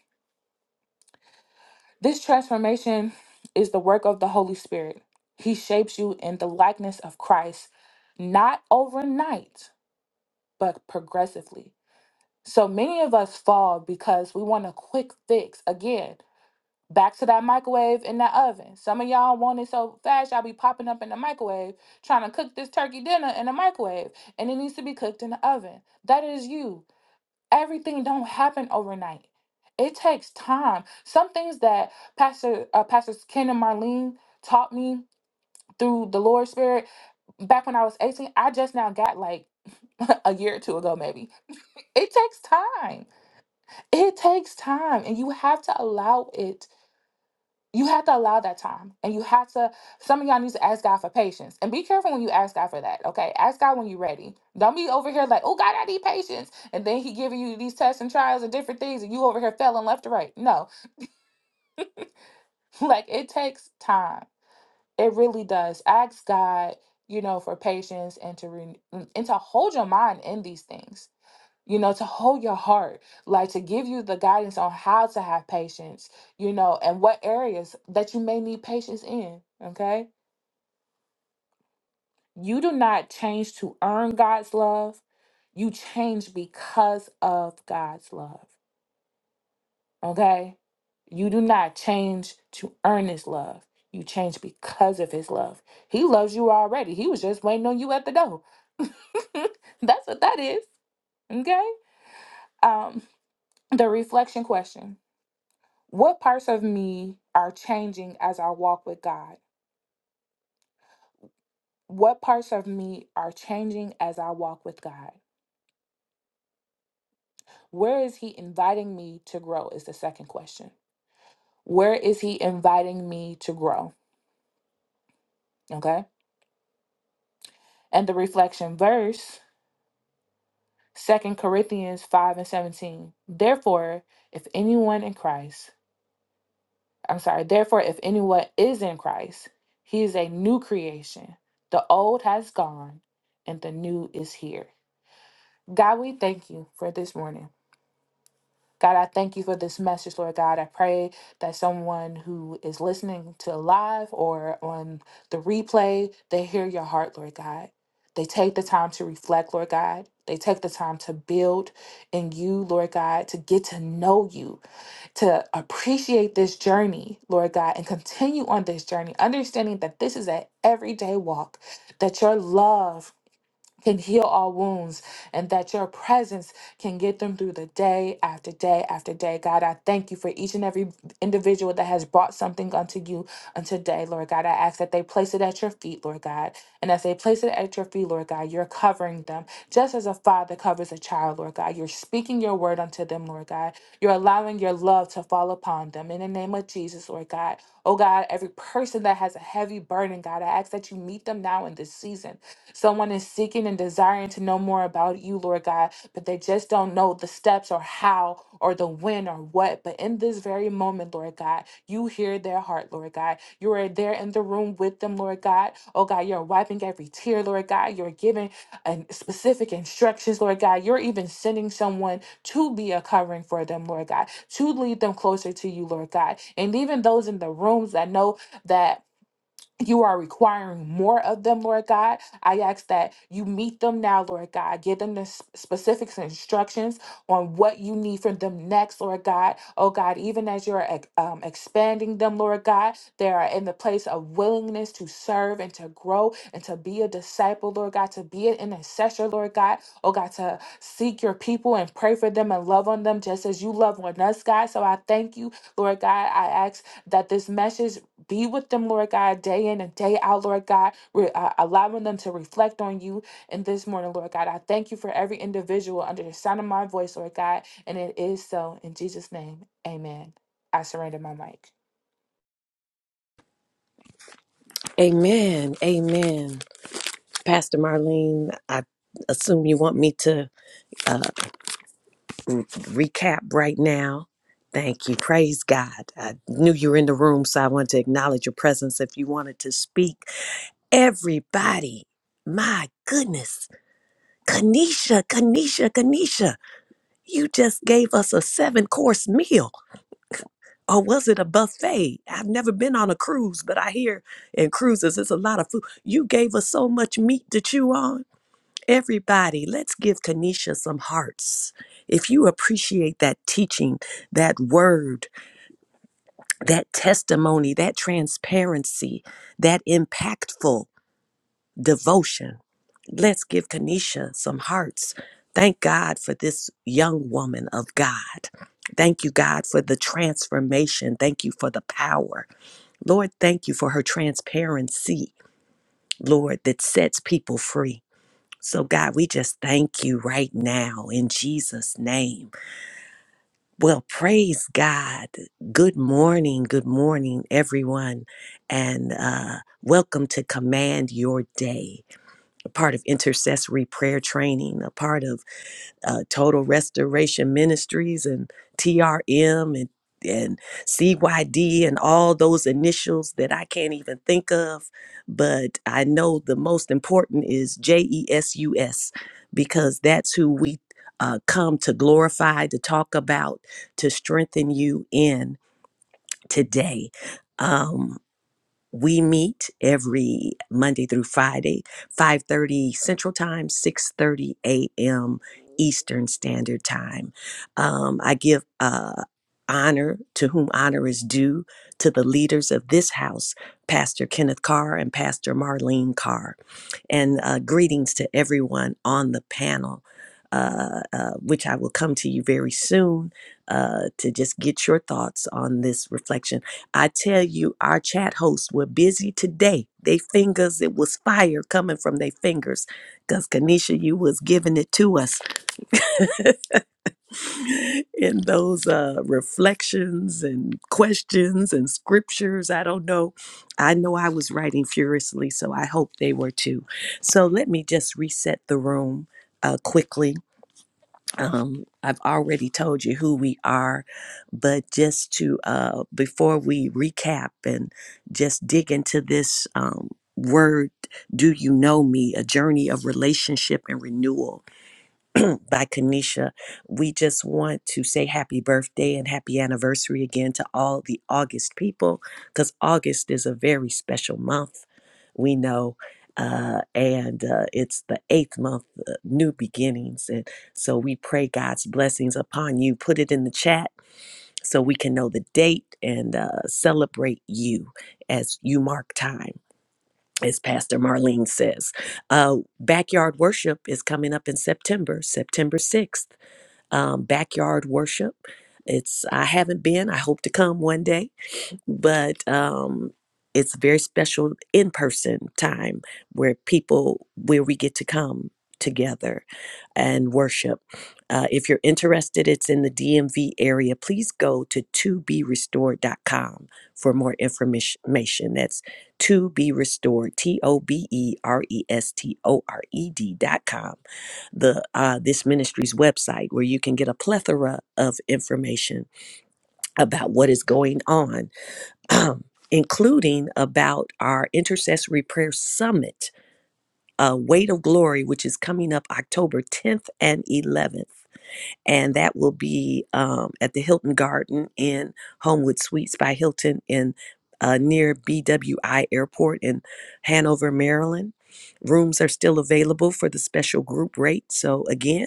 this transformation is the work of the Holy Spirit. He shapes you in the likeness of Christ, not overnight, but progressively. So many of us fall because we want a quick fix. Again, back to that microwave in that oven. Some of y'all want it so fast, y'all be popping up in the microwave trying to cook this turkey dinner in the microwave, and it needs to be cooked in the oven. That is you everything don't happen overnight. It takes time. Some things that Pastor uh, Pastors Ken and Marlene taught me through the Lord's Spirit back when I was 18, I just now got like a year or two ago maybe. It takes time. It takes time and you have to allow it you have to allow that time. And you have to, some of y'all need to ask God for patience. And be careful when you ask God for that. Okay. Ask God when you're ready. Don't be over here like, oh God, I need patience. And then he giving you these tests and trials and different things, and you over here failing left to right. No. Like it takes time. It really does. Ask God, you know, for patience and to re- and to hold your mind in these things. You know, to hold your heart, like to give you the guidance on how to have patience, you know, and what areas that you may need patience in. Okay You do not change to earn God's love. You change because of God's love. Okay? You do not change to earn his love. You change because of his love. He loves you already. He was just waiting on you at the door. That's what that is. Okay? Um the reflection question. What parts of me are changing as I walk with God? What parts of me are changing as I walk with God? Where is he inviting me to grow? Is the second question. Where is he inviting me to grow? Okay. And the reflection verse, Second Corinthians 5 and 17. Therefore, if anyone in Christ, I'm sorry, therefore, if anyone is in Christ, he is a new creation. The old has gone and the new is here. God, we thank you for this morning. God, I thank you for this message, Lord God. I pray that someone who is listening to live or on the replay, they hear your heart, Lord God. They take the time to reflect, Lord God. They take the time to build in you, Lord God, to get to know you, to appreciate this journey, Lord God, and continue on this journey, understanding that this is an everyday walk, that your love can heal all wounds and that your presence can get them through the day after day after day. God, I thank you for each and every individual that has brought something unto you unto today, Lord God. I ask that they place it at your feet, Lord God. And as they place it at your feet, Lord God, you're covering them just as a father covers a child, Lord God. You're speaking your your word unto them, Lord God. You're allowing your love to fall upon them. In the name of Jesus, Lord God. Oh God, every person that has a heavy burden, God, I ask that you meet them now in this season. Someone is seeking and desiring to know more about you, Lord God, but they just don't know the steps or how or the when or what. But in this very moment, Lord God, you hear their heart, Lord God. You are there in the room with them, Lord God. Oh God, you're wiping every tear, Lord God. You're giving and specific instructions, Lord God. You're even sending someone to be a covering for them, Lord God, to lead them closer to you, Lord God. And even those in the rooms that know that you are requiring more of them, Lord God. I ask that you meet them now, Lord God. Give them the s- specifics and instructions on what you need from them next, Lord God. Oh God, even as you're ex- um, expanding them, Lord God, they are in the place of willingness to serve and to grow and to be a disciple, Lord God, to be an intercessor, Lord God. Oh God, to seek your people and pray for them and love on them just as you love on us, God. So I thank you, Lord God. I ask that this message. Be with them, Lord God, day in and day out, Lord God, we uh, allowing them to reflect on you. And this morning, Lord God, I thank you for every individual under the sound of my voice, Lord God. And it is so. In Jesus' name, amen. I surrender my mic. Amen. Amen. Pastor Marlene, I assume you want me to uh, recap right now. Thank you. Praise God. I knew you were in the room, so I wanted to acknowledge your presence if you wanted to speak. Everybody, my goodness. Kanisha, Kanisha, Kanisha, you just gave us a seven course meal. Or was it a buffet? I've never been on a cruise, but I hear in cruises it's a lot of food. You gave us so much meat to chew on Everybody, let's give Tanisha some hearts. If you appreciate that teaching, that word, that testimony, that transparency, that impactful devotion, let's give Tanisha some hearts. Thank God for this young woman of God. Thank you, God, for the transformation. Thank you for the power. Lord, thank you for her transparency, Lord, that sets people free. So, God, we just thank you right now in Jesus' name. Well, praise God. Good morning. Good morning, everyone. And uh, welcome to Command Your Day, a part of intercessory prayer training, a part of uh, Total Restoration Ministries and TRM and and CYD and all those initials that I can't even think of, but I know the most important is JESUS because that's who we uh, come to glorify, to talk about, to strengthen you in today. Um, we meet every monday through friday 5.30 central time 6.30 a.m eastern standard time um, i give uh, honor to whom honor is due to the leaders of this house pastor kenneth carr and pastor marlene carr and uh, greetings to everyone on the panel uh, uh, which I will come to you very soon uh, to just get your thoughts on this reflection I tell you, our chat hosts were busy today. They fingers, it was fire coming from their fingers. Because Kanisha, you was giving it to us in those uh, reflections and questions and scriptures. I don't know. I know I was writing furiously, so I hope they were too. So let me just reset the room uh, quickly um, I've already told you who we are, but just to uh, before we recap and just dig into this um, word, do you know me? A journey of relationship and renewal by Kanisha. We just want to say happy birthday and happy anniversary again to all the August people because August is a very special month. We know. Uh, and uh, it's the eighth month, uh, new beginnings. And so we pray God's blessings upon you. Put it in the chat so we can know the date and uh, celebrate you as you mark time, as Pastor Marlene says. Uh, backyard worship is coming up in September, September 6th um, backyard worship. It's I haven't been. I hope to come one day, but um, it's very special in person time where people where we get to come together and worship. Uh, if you're interested, it's in the DMV area. Please go to to be restored dot com for more information. That's to be restored. t o b e r e s t o r e d dot com the uh, this ministry's website where you can get a plethora of information about what is going on including about our intercessory prayer summit uh, weight of glory which is coming up october 10th and 11th and that will be um, at the hilton garden in homewood suites by hilton in uh, near bwi airport in hanover maryland rooms are still available for the special group rate so again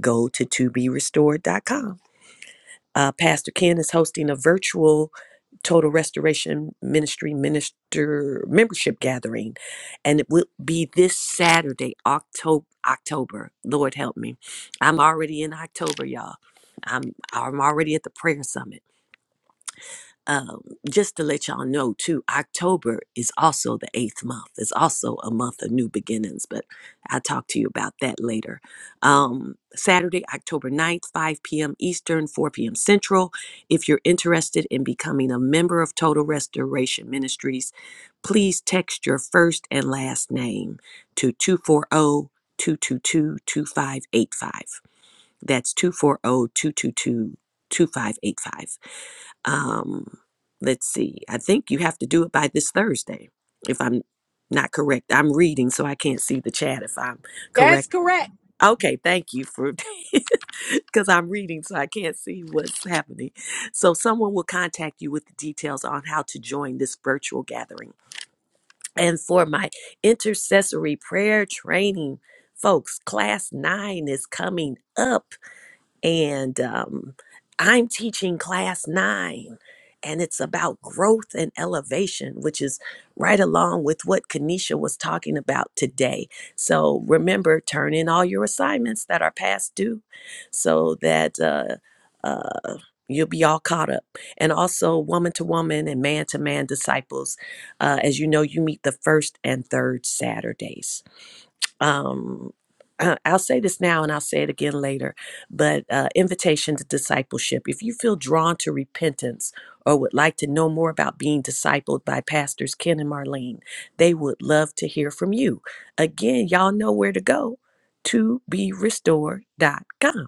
go to to be restored toberestored.com. Uh, Pastor Ken is hosting a virtual Total Restoration Ministry Minister membership gathering, and it will be this Saturday, October. October, Lord help me. I'm already in October, y'all. I'm I'm already at the prayer summit um, just to let y'all know too, October is also the eighth month. It's also a month of new beginnings, but I'll talk to you about that later. Um, Saturday, October ninth, 5 p.m. Eastern, 4 p.m. Central. If you're interested in becoming a member of Total Restoration Ministries, please text your first and last name to 240 222 2585. That's 240 222 2585. Um, let's see. I think you have to do it by this Thursday, if I'm not correct. I'm reading, so I can't see the chat if I'm correct. Okay, thank you for because I'm reading, so I can't see what's happening. So, someone will contact you with the details on how to join this virtual gathering. And for my intercessory prayer training, folks, class nine is coming up and um, I'm teaching class nine, and it's about growth and elevation, which is right along with what Kanisha was talking about today. So remember, turn in all your assignments that are past due, so that. Uh, uh, you'll be all caught up. And also, woman to woman and man to man disciples. Uh, as you know, you meet the first and third Saturdays um I- I'll say this now and I'll say it again later, but uh, invitation to discipleship. If you feel drawn to repentance or would like to know more about being discipled by pastors Ken and Marlene, they would love to hear from you. Again, y'all know where to go to be restored dot com,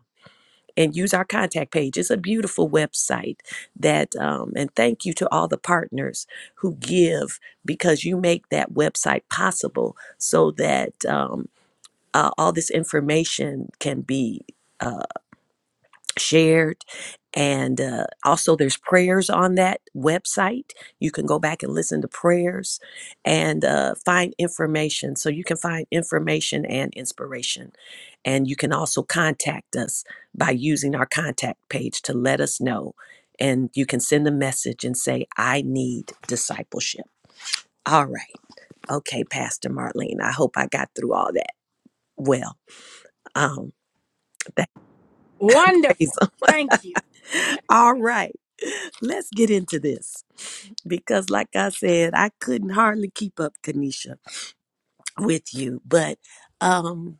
and use our contact page. It's a beautiful website that, um, and thank you to all the partners who give because you make that website possible so that. Um, uh, all this information can be uh, shared and uh, also there's prayers on that website you can go back and listen to prayers and uh, find information so you can find information and inspiration and you can also contact us by using our contact page to let us know and you can send a message and say i need discipleship all right okay pastor marlene i hope i got through all that well um that Praise him. All right. Let's get into this because, like I said, I couldn't hardly keep up, Kanisha, with you. But um,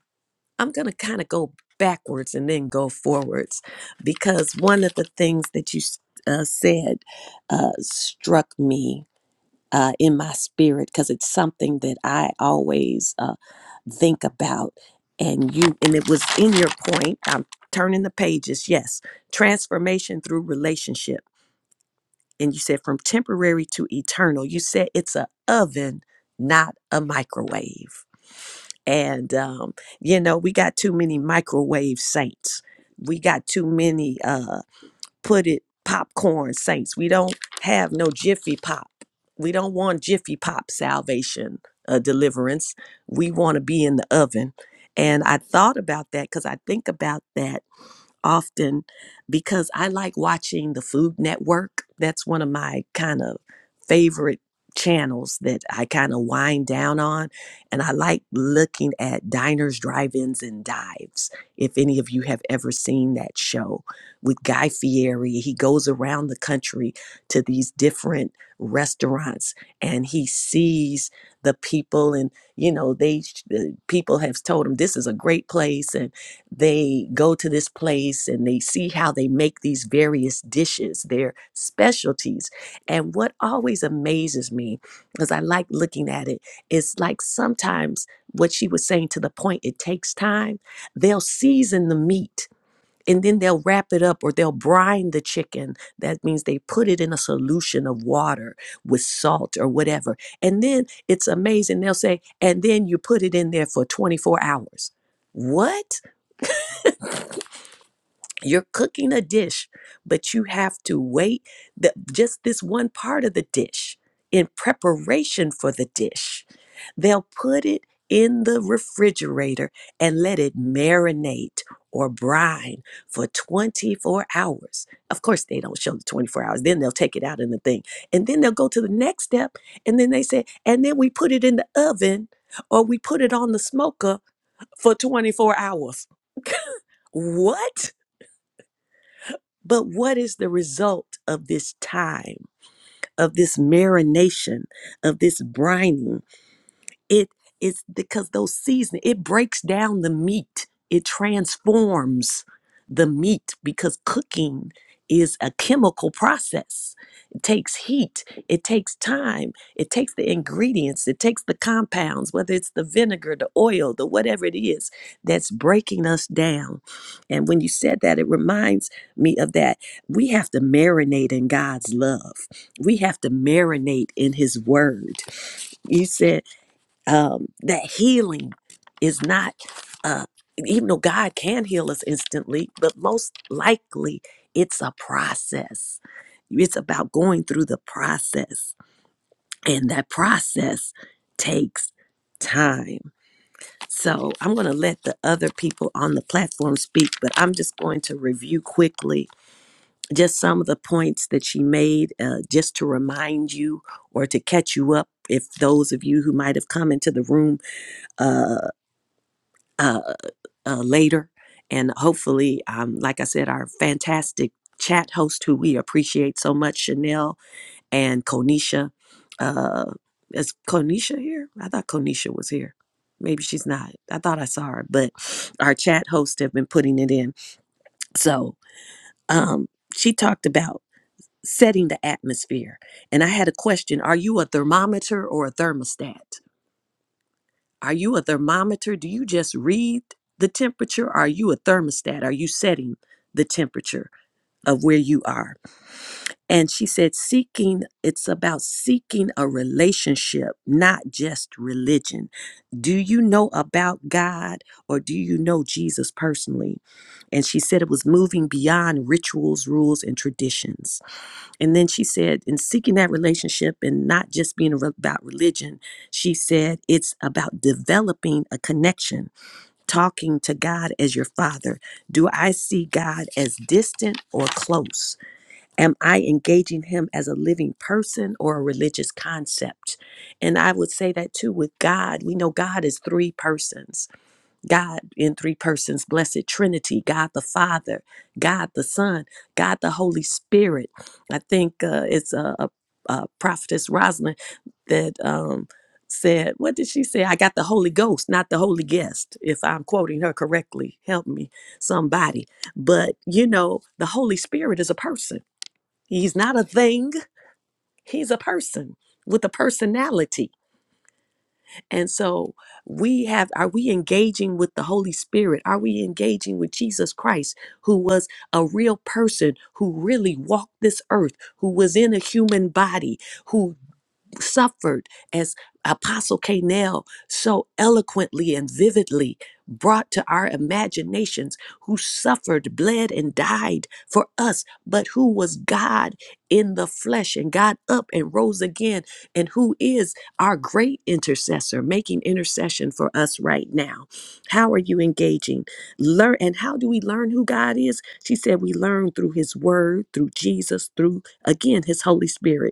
I'm going to kind of go backwards and then go forwards because one of the things that you uh, said uh, struck me uh, in my spirit because it's something that I always uh, think about. And you, and it was in your point. I'm turning the pages. Yes, transformation through relationship. And you said from temporary to eternal. You said it's a oven, not a microwave. And um, you know, we got too many microwave saints. We got too many. Uh, put it popcorn saints. We don't have no Jiffy Pop. We don't want Jiffy Pop salvation, uh, deliverance. We want to be in the oven. And I thought about that because I think about that often because I like watching the Food Network. That's one of my kind of favorite channels that I kind of wind down on. And I like looking at diners, drive ins, and dives. If any of you have ever seen that show with Guy Fieri, he goes around the country to these different restaurants and he sees the people and you know they sh- the people have told him this is a great place they go to this place and they see how they make these various dishes, their specialties. And what always amazes me, because I like looking at it, is like sometimes what she was saying to the point it takes time, they'll season the meat. And then they'll wrap it up or they'll brine the chicken. That means they put it in a solution of water with salt or whatever. And then it's amazing. They'll say, and then you put it in there for 24 hours. What? You're cooking a dish, but you have to wait the, just this one part of the dish in preparation for the dish. They'll put it in the refrigerator and let it marinate or brine for 24 hours. Of course, they don't show the 24 hours. Then they'll take it out in the thing. And then they'll go to the next step. And then they say, and then we put it in the oven or we put it on the smoker for 24 hours. What? But what is the result of this time, of this marination, of this brining? It is because those seasoning, it breaks down the meat. It transforms the meat because cooking is a chemical process. It takes heat, it takes time, it takes the ingredients, it takes the compounds, whether it's the vinegar, the oil, the whatever it is that's breaking us down. And when you said that, it reminds me of that. We have to marinate in God's love, we have to marinate in His word. You said um, that healing is not, uh, even though God can heal us instantly, but most likely it's a process. It's about going through the process, and that process takes time. So I'm going to let the other people on the platform speak, but I'm just going to review quickly just some of the points that she made, uh, just to remind you or to catch you up. If those of you who might have come into the room uh, uh, uh, later. And hopefully, um, like I said, our fantastic chat host who we appreciate so much, Chanel and Konisha. Uh, is Konisha here? I thought Konisha was here. Maybe she's not. I thought I saw her, but our chat hosts have been putting it in. So um, she talked about setting the atmosphere. And I had a question Are you a thermometer or a thermostat? Are you a thermometer? Do you just read the temperature? Are you a thermostat? Are you setting the temperature of where you are? And she said, seeking, it's about seeking a relationship, not just religion. Do you know about God or do you know Jesus personally? And she said it was moving beyond rituals, rules, and traditions and then she said, in seeking that relationship and not just being re- about religion, she said it's about developing a connection, talking to God as your father. Do I see God as distant or close? Am I engaging him as a living person or a religious concept? And I would say that too with God. We know God is three persons God in three persons, blessed Trinity, God the Father, God the Son, God the Holy Spirit. I think uh, it's a, a, a prophetess Rosalind that um, said, What did she say? I got the Holy Ghost, not the Holy Guest, if I'm quoting her correctly. Help me, somebody. But you know, the Holy Spirit is a person, He's not a thing, He's a person with a personality and so we have are we engaging with the Holy Spirit? Are we engaging with Jesus Christ who was a real person who really walked this earth, who was in a human body, who suffered as Apostle Canel so eloquently and vividly brought to our imaginations, who suffered, bled, and died for us, but who was God in the flesh and got up and rose again, and who is our great intercessor making intercession for us right now. How are you engaging? Learn and how do we learn who God is? She said we learn through his word, through Jesus, through again his Holy Spirit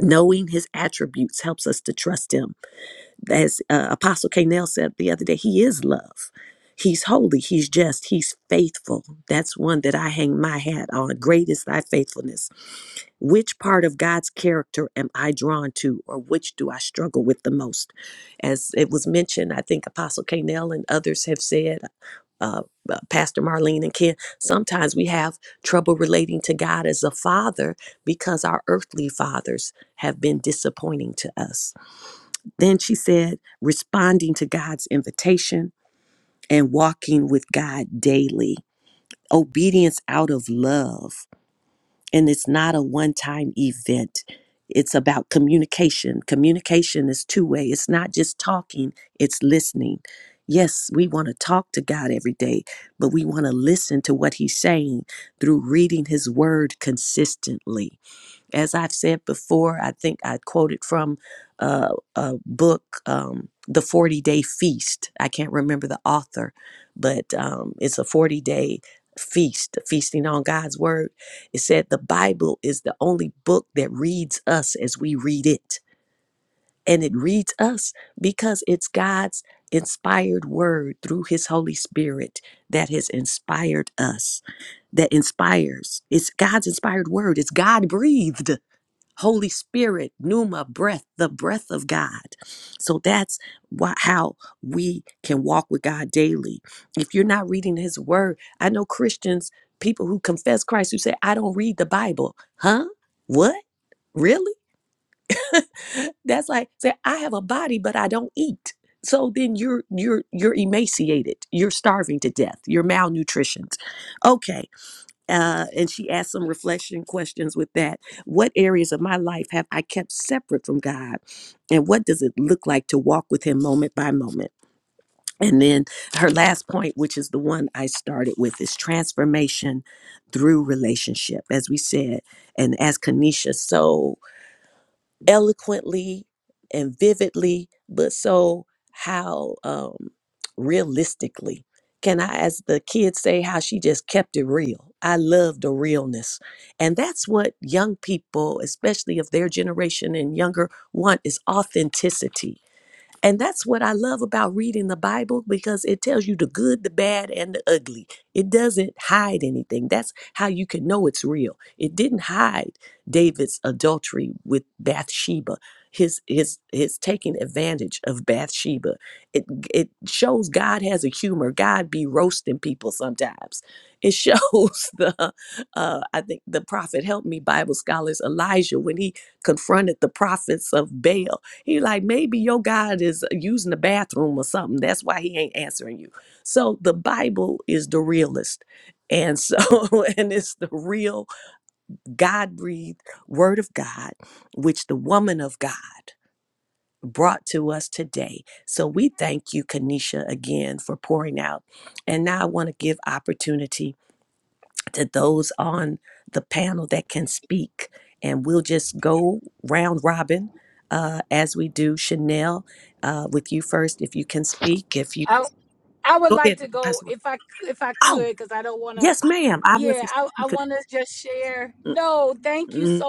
knowing his attributes helps us to trust him as uh, apostle k Nell said the other day he is love he's holy he's just he's faithful that's one that i hang my hat on great is thy faithfulness which part of God's character am I drawn to, or which do I struggle with the most? As it was mentioned, I think Apostle Canel and others have said, uh, uh, Pastor Marlene and Ken, sometimes we have trouble relating to God as a father because our earthly fathers have been disappointing to us. Then she said, responding to God's invitation and walking with God daily, obedience out of love and it's not a one time event. It's about communication. Communication is two way, it's not just talking, it's listening. Yes, we want to talk to God every day, but we want to listen to what He's saying through reading His word consistently. As I've said before, I think I quoted from uh, a book, um, The 40 Day Feast. I can't remember the author, but um, it's a 40 day feast, feasting on God's Word. It said the Bible is the only book that reads us as we read it. And it reads us because it's God's inspired word through His Holy Spirit that has inspired us, that inspires. It's God's inspired word, it's God breathed. Holy Spirit, pneuma, breath, the breath of God. So that's why, how we can walk with God daily. If you're not reading His Word, I know Christians, people who confess Christ, who say, I don't read the Bible. Huh? What? Really? That's like say, I have a body, but I don't eat. So then you're you're you're emaciated. You're starving to death. You're malnutritioned. Okay uh, and she asked some reflection questions with that. What areas of my life have I kept separate from God? And what does it look like to walk with Him moment by moment? And then her last point, which is the one I started with, is transformation through relationship. As we said, and as Kanisha so eloquently and vividly, but so how um, realistically. Can I, as the kids say, how she just kept it real? I love the realness. And that's what young people, especially of their generation and younger, want is authenticity and that's what I love about reading the Bible because it tells you the good, the bad, and the ugly. It doesn't hide anything. That's how you can know it's real. It didn't hide David's adultery with Bathsheba, his his his taking advantage of Bathsheba. It it shows God has a humor. God be roasting people sometimes. It shows the uh, I think the prophet help me Bible scholars Elijah when he confronted the prophets of Baal he like maybe your God is uh, using the bathroom or something. That's why he ain't answering you. So the Bible is the realest. And so and it's the real God-breathed word of God which the woman of God brought to us today. So we thank you Kanisha again for pouring out. And now I want to give opportunity to those on the panel that can speak. And we'll just go round robin uh, as we do. Chanel, uh, with you first, if you can speak. If you go ahead, Pastor. Mike. Oh, yes, ma'am. I wasn't. sure You could. Mm-mm.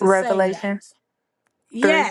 Revelations 3.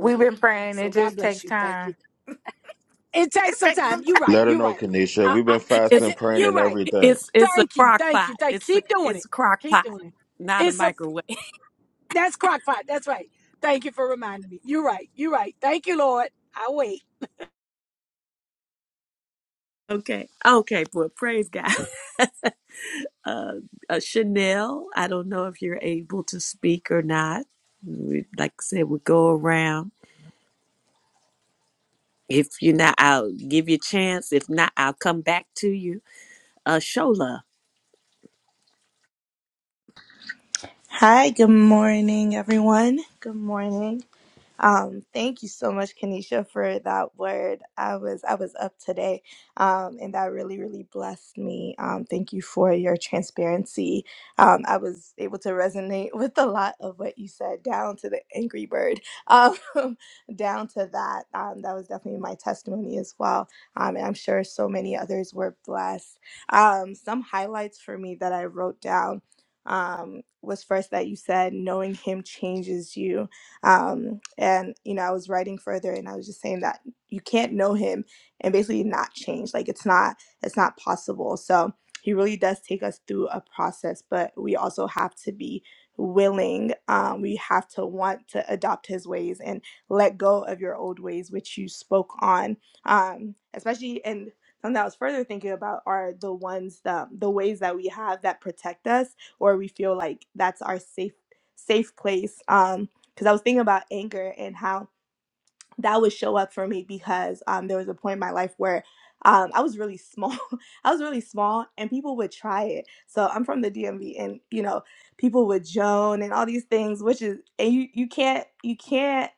We've been praying. It just takes time. It takes some time. Let her know, Kanisha. We've been fasting, It's praying, and everything. it's it's a crock pot. It's a it's a crock pot, not a microwave. Okay, okay. Well, praise God. Uh, uh, Chanel, I don't know if you're able to speak or not. We, like I said, we go around. If you're not, I'll give you a chance. If not, I'll come back to you. Uh, show love. Hi, good morning, everyone. Good morning. Um, thank you so much, Kanisha, for that word. I was I was up today, um, and that really really blessed me. Um, thank you for your transparency. Um, I was able to resonate with a lot of what you said, down to the angry bird, um, down to that. Um, that was definitely my testimony as well, um, and I'm sure so many others were blessed. Um, some highlights for me that I wrote down um, was first that you said knowing him changes you um, and you know, I was writing further, and I was just saying that you can't know him and basically not change. Like it's not it's not possible. So he really does take us through a process, but we also have to be willing. Um, we have to want to adopt his ways and let go of your old ways, which you spoke on. Um, especially and something I was further thinking about are the ones that the ways that we have that protect us or we feel like that's our safe safe place. Um, because I was thinking about anger and how that would show up for me because um, there was a point in my life where um, I was really small. I was really small, and people would try it. So I'm from the DMV, and you know, people would Joan and all these things, which is and you you can't you can't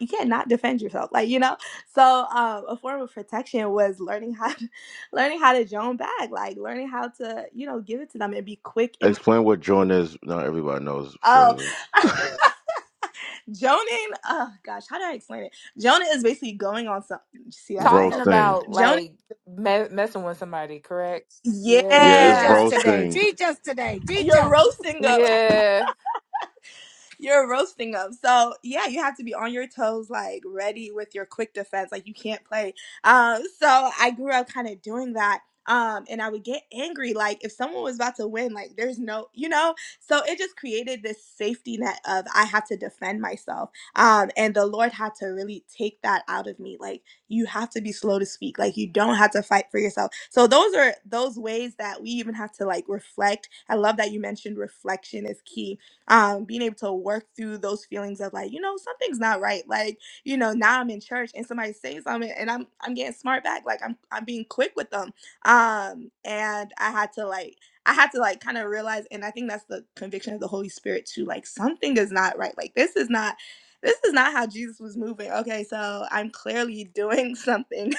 you can't not defend yourself, like you know. So um, a form of protection was learning how to, learning how to Joan back, like learning how to you know give it to them and be quick in. Explain what joint is. Not everybody knows, oh, Shola. Jonan, oh gosh, how do I explain it? Jonah is basically going on some. See, that's not Talking helping. Roasting. about Jonah, like me- messing with somebody, correct? Yeah, it's Yeah. yeah, roasting. you're roasting us. Yeah. you're roasting them. So yeah, you have to be on your toes, like ready with your quick defense. Like you can't play. Um, so I grew up kind of doing that. Um, and I would get angry, like if someone was about to win, like there's no, you know. So it just created this safety net of I have to defend myself. Um, and the Lord had to really take that out of me. Like you have to be slow to speak. Like you don't have to fight for yourself. So those are those ways that we even have to like reflect. I love that you mentioned reflection is key um, being able to work through those feelings of like, you know, something's not right. Like, you know, now I'm in church and somebody saying something and I'm I'm getting smart back. Like I'm I'm being quick with them. Um, and I had to like I had to like kind of realize, and I think that's the conviction of the Holy Spirit too. Like something is not right. Like this is not this is not how Jesus was moving. Okay, so I'm clearly doing something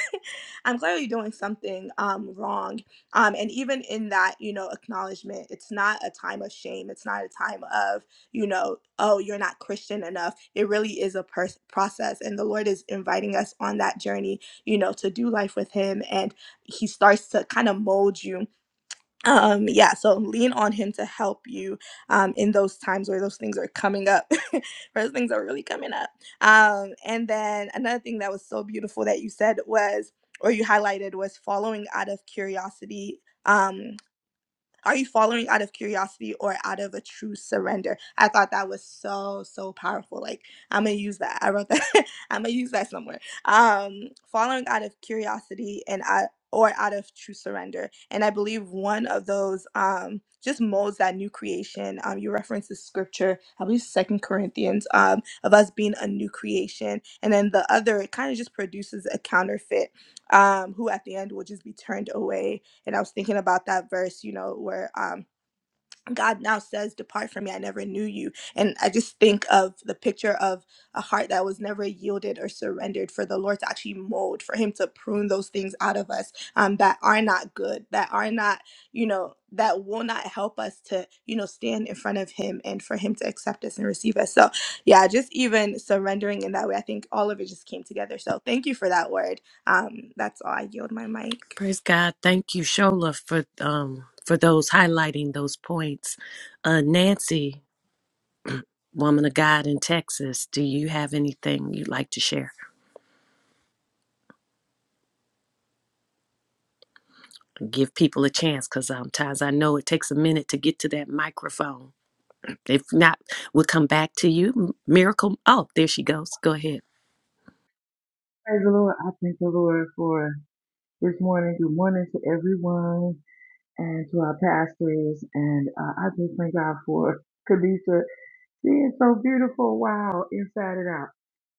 I'm clearly doing something um, wrong. Um, and even in that, you know, acknowledgement, it's not a time of shame. It's not a time of, you know, oh, you're not Christian enough. It really is a pers- process. And the Lord is inviting us on that journey, you know, to do life with Him. And He starts to kind of mold you um yeah so lean on him to help you um in those times where those things are coming up those things are really coming up um and then another thing that was so beautiful that you said was or you highlighted was following out of curiosity um are you following out of curiosity or out of a true surrender? I thought that was so, so powerful. Like, I'm going to use that. I wrote that. I'm going to use that somewhere. Um, following out of curiosity and out, or out of true surrender. And I believe one of those um, just molds that new creation. Um, you reference the scripture, I believe Second Corinthians, um, of us being a new creation. And then the other, it kind of just produces a counterfeit um, who at the end will just be turned away and I was thinking about that verse, you know, where um, God now says, Depart from me, I never knew you. And I just think of the picture of a heart that was never yielded or surrendered for the Lord to actually mold, for Him to prune those things out of us um, that are not good, that are not, you know, that will not help us to, you know, stand in front of Him and for Him to accept us and receive us. So, yeah, just even surrendering in that way, I think all of it just came together. So, thank you for that word. Um, that's all. I yield my mic. Praise God. Thank you, Shola, for um for those highlighting those points. Uh Nancy, woman of God in Texas, do you have anything you'd like to share? Give people a chance because sometimes I know it takes a minute to get to that microphone. If not, we'll come back to you. M- Miracle. Oh, there she goes. Go ahead. Praise the Lord. I thank the Lord for this morning. Good morning to everyone and to our pastors. And uh, I just thank God for Kadisha being so beautiful. Wow, inside and out.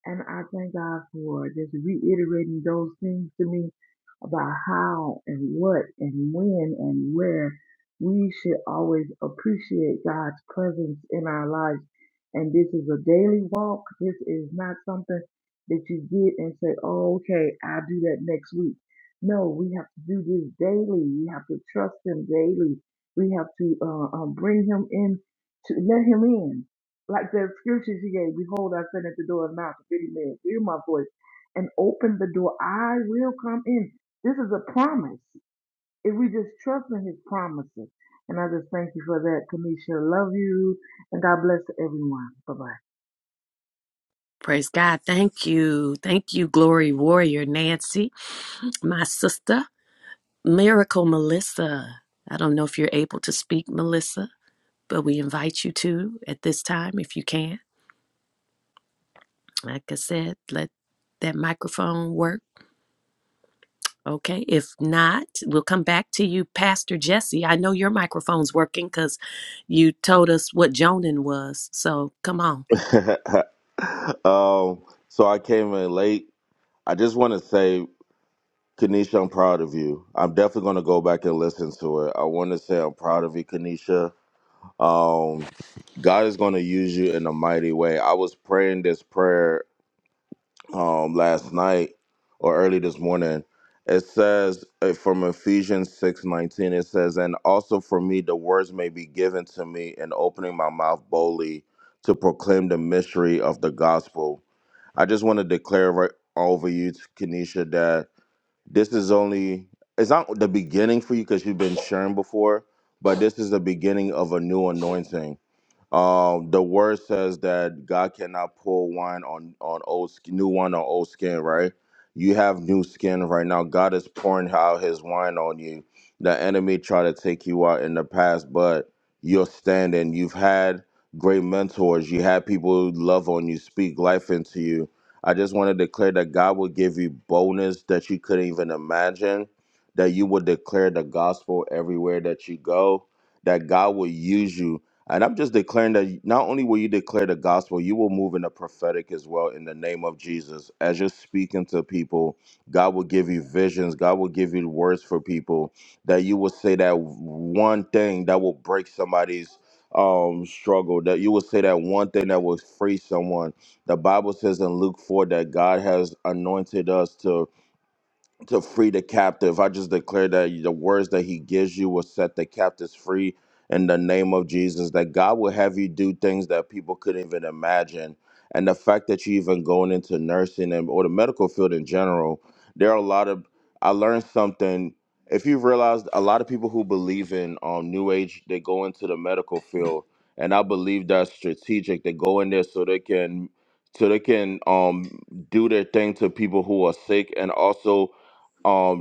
And I thank God for just reiterating those things to me about how and what and when and where we should always appreciate God's presence in our lives. And this is a daily walk. This is not something that you get and say, oh, okay, I'll do that next week. No, we have to do this daily. We have to trust Him daily. We have to uh, um, bring Him in, to let Him in like the scripture she gave, behold, I stand at the door and knock. If any man hear my voice and open the door, I will come in. This is a promise. If we just trust in his promises. And I just thank you for that, Kamisha. Love you. And God bless everyone. Bye-bye. Praise God. Thank you. Thank you, Glory Warrior Nancy, my sister. Miracle Melissa. I don't know if you're able to speak, Melissa, but we invite you to at this time if you can. Like I said, let that microphone work. Okay. If not, we'll come back to you, Pastor Jesse. I know your microphone's working because you told us what Jonan was. So come on. um, so I came in late. I just want to say, Kanisha, I'm proud of you. I'm definitely going to go back and listen to it. I want to say I'm proud of you, Kanisha. Um, God is going to use you in a mighty way. I was praying this prayer um, last night or early this morning. It says uh, from Ephesians six nineteen. It says, "And also for me, the words may be given to me in opening my mouth boldly to proclaim the mystery of the gospel." I just want to declare right over you, Kenesha, that this is only it's not the beginning for you because you've been sharing before, but this is the beginning of a new anointing um, the word says that God cannot pour wine on on old sk- new wine on old skin, right? You have new skin right now. God is pouring out His wine on you. The enemy tried to take you out in the past, but you're standing. You've had great mentors. You had people who love on you, speak life into you. I just want to declare that God will give you boldness that you couldn't even imagine. That you will declare the gospel everywhere that you go. That God will use you and I'm just declaring that not only will you declare the gospel, you will move in the prophetic as well in the name of Jesus. As you're speaking to people, God will give you visions, God will give you words for people that you will say that one thing that will break somebody's um struggle that you will say that one thing that will free someone the bible says in luke 4 that god has anointed us to to free the captive. I just declare that the words that he gives you will set the captives free in the name of Jesus. That God will have you do things that people couldn't even imagine. And the fact that you even going into nursing and or the medical field in general, there are a lot of I learned something. If you realize a lot of people who believe in um new age, they go into the medical field. And I believe that's strategic. They go in there so they can so they can um do their thing to people who are sick and also um,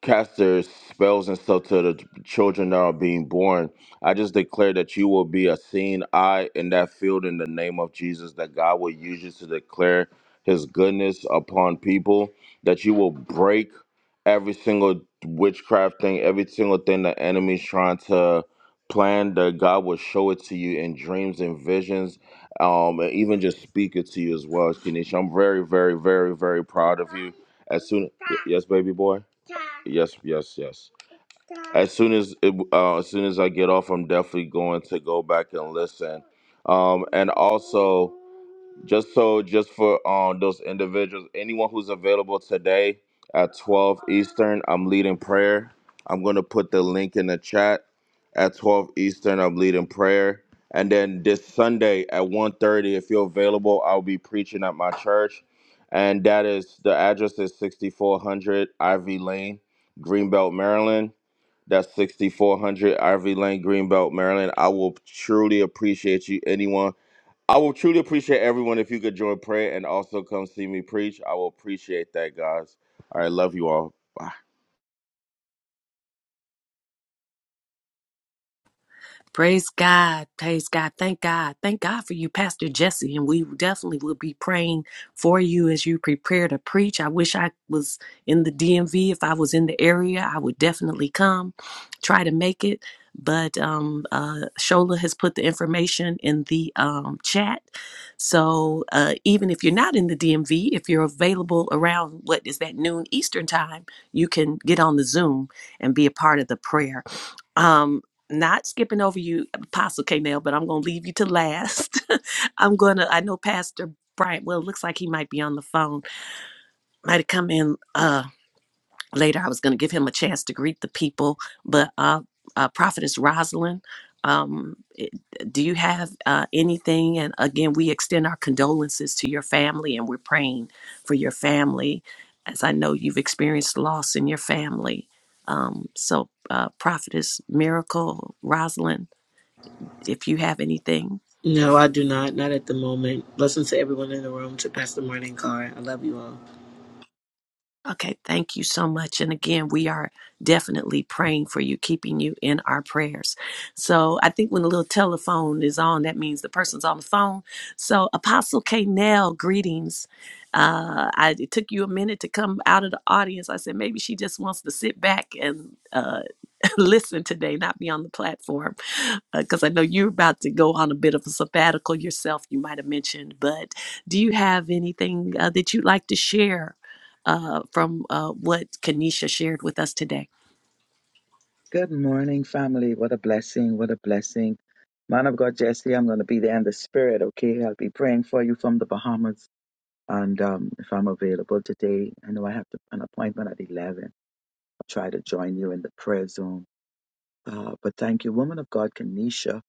cast their spells and stuff to the children that are being born. I just declare that you will be a seeing eye in that field in the name of Jesus, that God will use you to declare his goodness upon people, that you will break every single witchcraft thing, every single thing the enemy's trying to plan, that God will show it to you in dreams and visions, um, and even just speak it to you as well, Kenisha. I'm very, very, very, very proud of you. As soon yes, baby boy. Yes, yes, yes. As soon as it, uh, as soon as I get off, I'm definitely going to go back and listen. Um, and also. Just so, just for um those individuals, anyone who's available today at 12 Eastern, I'm leading prayer. I'm gonna put the link in the chat. At 12 Eastern, I'm leading prayer. And then this Sunday at 1:30, if you're available, I'll be preaching at my church. And that is the address is 6400 Ivy Lane, Greenbelt, Maryland. That's 6400 Ivy Lane, Greenbelt, Maryland. I will truly appreciate you, anyone I will truly appreciate everyone if you could join prayer and also come see me preach. I will appreciate that, guys. All right, love you all. Bye. Praise God. Praise God. Thank God. Thank God for you, Pastor Jesse. And we definitely will be praying for you as you prepare to preach. I wish I was in the DMV. If I was in the area, I would definitely come, try to make it. But um, uh, Shola has put the information in the um, chat. So uh, even if you're not in the DMV, if you're available around what is that noon Eastern time, you can get on the Zoom and be a part of the prayer. Um, not skipping over you, Apostle K. but I'm going to leave you to last. I'm going to, I know Pastor Bryant, well, it looks like he might be on the phone, might have come in uh, later. I was going to give him a chance to greet the people, but uh, uh, Prophetess Rosalind, um, it- do you have uh, anything? And again, we extend our condolences to your family and we're praying for your family, as I know you've experienced loss in your family. Um, so, uh, Prophetess Miracle, Rosalind, if you have anything. No, I do not. Not at the moment. Blessings to everyone in the room, to Pastor Morning Car. I love you all. Okay, thank you so much. And again, we are definitely praying for you, keeping you in our prayers. So I think when the little telephone is on, that means the person's on the phone. So Apostle K. greetings. Uh, I, it took you a minute to come out of the audience. I said maybe she just wants to sit back and uh, listen today, not be on the platform, because I know you're about to go on a bit of a sabbatical yourself, you might have mentioned. But do you have anything uh, that you'd like to share uh, from uh, what Kanisha shared with us today? Good morning, family. What a blessing. What a blessing. Man of God, Jesse, I'm going to be there in the spirit, okay? I'll be praying for you from the Bahamas. And um, if I'm available today, I know I have to, an appointment at 11. I'll try to join you in the prayer zone. Uh, but thank you, woman of God, Kanisha.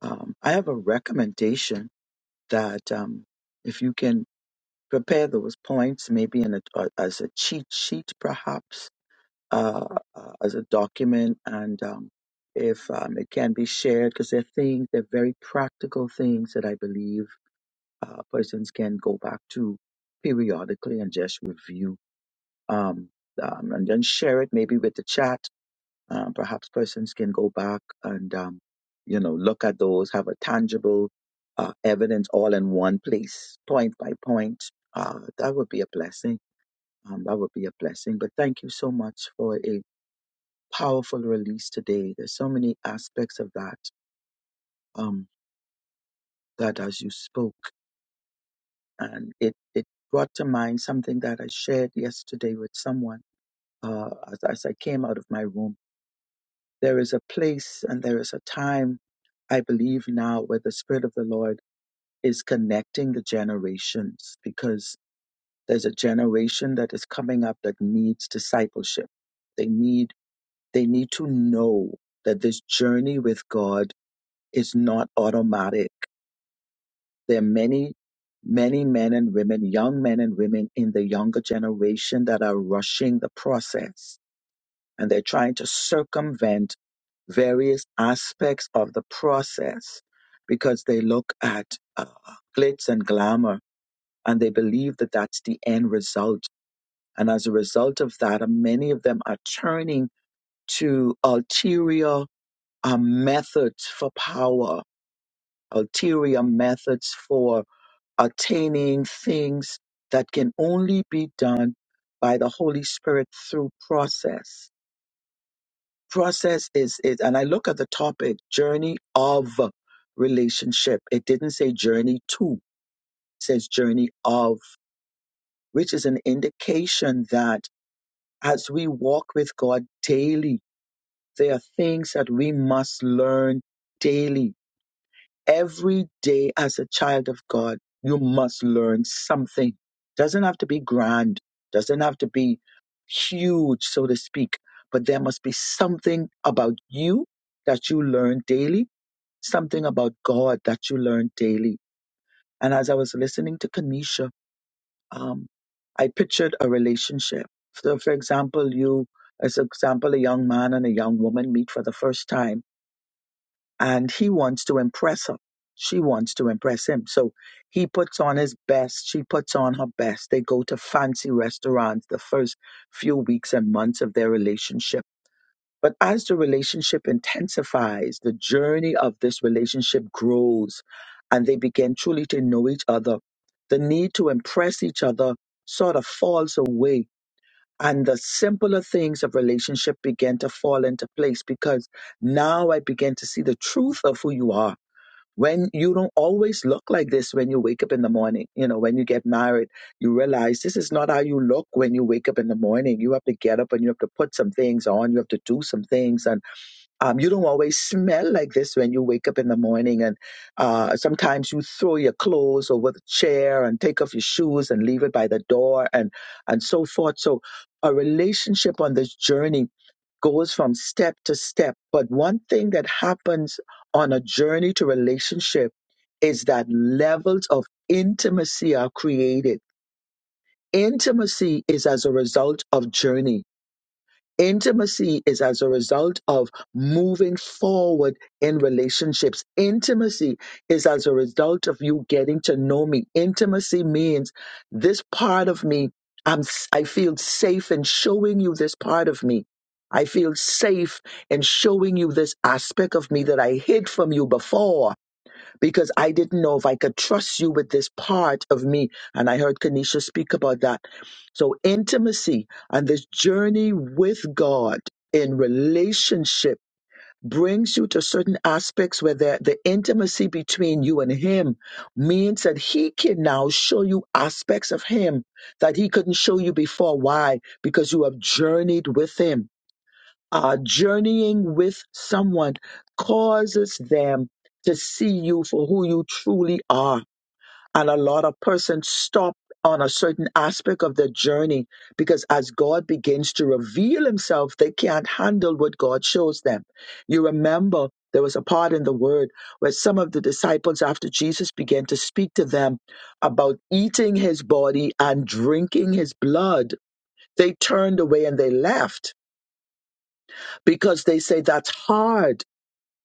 Um, I have a recommendation that um, if you can prepare those points, maybe in a, uh, as a cheat sheet, perhaps, uh, uh, as a document and um, if um, it can be shared because they're things they're very practical things that i believe uh, persons can go back to periodically and just review um, um, and then share it maybe with the chat um, perhaps persons can go back and um, you know look at those have a tangible uh, evidence all in one place point by point uh, that would be a blessing um, that would be a blessing but thank you so much for a powerful release today. There's so many aspects of that um, that as you spoke, and it it brought to mind something that I shared yesterday with someone uh, as, as I came out of my room. There is a place and there is a time, I believe now, where the Spirit of the Lord is connecting the generations because there's a generation that is coming up that needs discipleship. They need they need to know that this journey with God is not automatic There are many, many men and women, young men and women in the younger generation that are rushing the process and they're trying to circumvent various aspects of the process because they look at uh, glitz and glamour and they believe that that's the end result. And as a result of that, uh, many of them are turning to ulterior uh, methods for power, ulterior methods for attaining things that can only be done by the Holy Spirit through process. Process is, is and I look at the topic journey of relationship. It didn't say journey to, it says journey of, which is an indication that as we walk with God daily, there are things that we must learn daily every day as a child of God, you must learn something. Doesn't have to be grand, doesn't have to be huge, so to speak, but there must be something about you that you learn daily, something about God that you learn daily. And as I was listening to Kanisha, um, I pictured a relationship. So, for example, you, as example, a young man and a young woman meet for the first time and he wants to impress her. She wants to impress him. So he puts on his best. She puts on her best. They go to fancy restaurants the first few weeks and months of their relationship. But as the relationship intensifies, the journey of this relationship grows and they begin truly to know each other. The need to impress each other sort of falls away and the simpler things of relationship began to fall into place because now I began to see the truth of who you are. When you don't always look like this when you wake up in the morning, you know, when you get married, you realize this is not how you look when you wake up in the morning. You have to get up and you have to put some things on, you have to do some things. and. Um, you don't always smell like this when you wake up in the morning, and uh, sometimes you throw your clothes over the chair and take off your shoes and leave it by the door, and and so forth. So, a relationship on this journey goes from step to step. But one thing that happens on a journey to relationship is that levels of intimacy are created. Intimacy is as a result of journey Intimacy is as a result of moving forward in relationships. Intimacy is as a result of you getting to know me. Intimacy means this part of me, I'm, s- i am I feel safe in showing you this part of me. I feel safe in showing you this aspect of me that I hid from you before because I didn't know if I could trust you with this part of me. And I heard Kanisha speak about that. So, intimacy and this journey with God in relationship brings you to certain aspects where the, the intimacy between you and Him means that He can now show you aspects of Him that He couldn't show you before. Why? Because you have journeyed with Him uh, journeying with someone causes them to see you for who you truly are. And a lot of persons stop on a certain aspect of their journey because as God begins to reveal himself, they can't handle what God shows them. You remember there was a part in the word where some of the disciples, after Jesus began to speak to them about eating his body and drinking his blood, they turned away and they left because they say that's hard.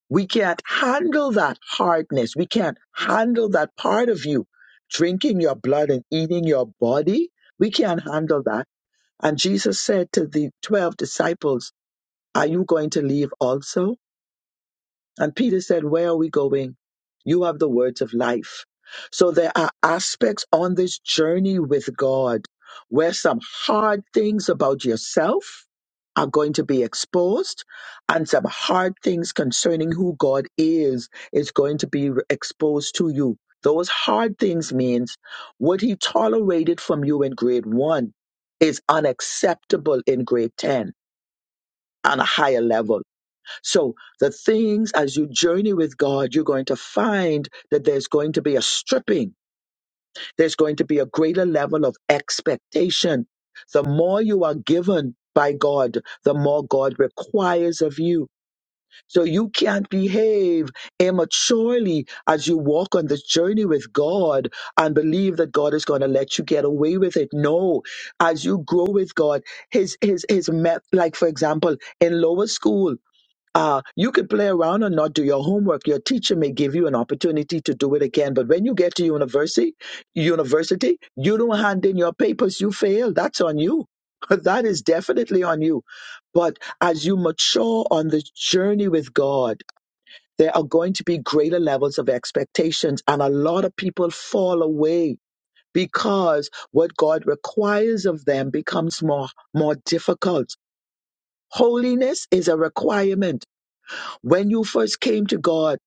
We can't handle that hardness. We can't handle that part of you drinking your blood and eating your body. We can't handle that. And Jesus said to the 12 disciples, Are you going to leave also? And Peter said, Where are we going? You have the words of life. So there are aspects on this journey with God where some hard things about yourself are going to be exposed and some hard things concerning who God is is going to be exposed to you. Those hard things means what he tolerated from you in grade 1 is unacceptable in grade 10 on a higher level so the things as you journey with God, you're going to find that there's going to be a stripping. There's going to be a greater level of expectation. The more you are given by God, the more God requires of you. So you can't behave immaturely as you walk on this journey with God and believe that God is going to let you get away with it. No, as you grow with God, his, his, his, met, like for example, in lower school, uh, you could play around and not do your homework. Your teacher may give you an opportunity to do it again. But when you get to university, university, you don't hand in your papers, you fail. That's on you. That is definitely on you. But as you mature on the journey with God, there are going to be greater levels of expectations. And a lot of people fall away because what God requires of them becomes more, more difficult. Holiness is a requirement when you first came to God,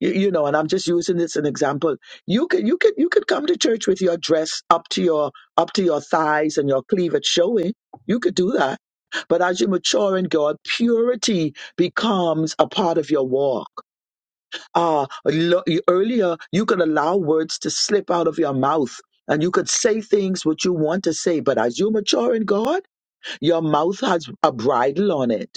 you, you know, and I'm just using this as an example. You could you could you could come to church with your dress up to your up to your thighs and your cleavage showing. You could do that. But as you mature in God, purity becomes a part of your walk. Uh, lo- earlier, you could allow words to slip out of your mouth and you could say things which you want to say. But as you mature in God, your mouth has a bridle on it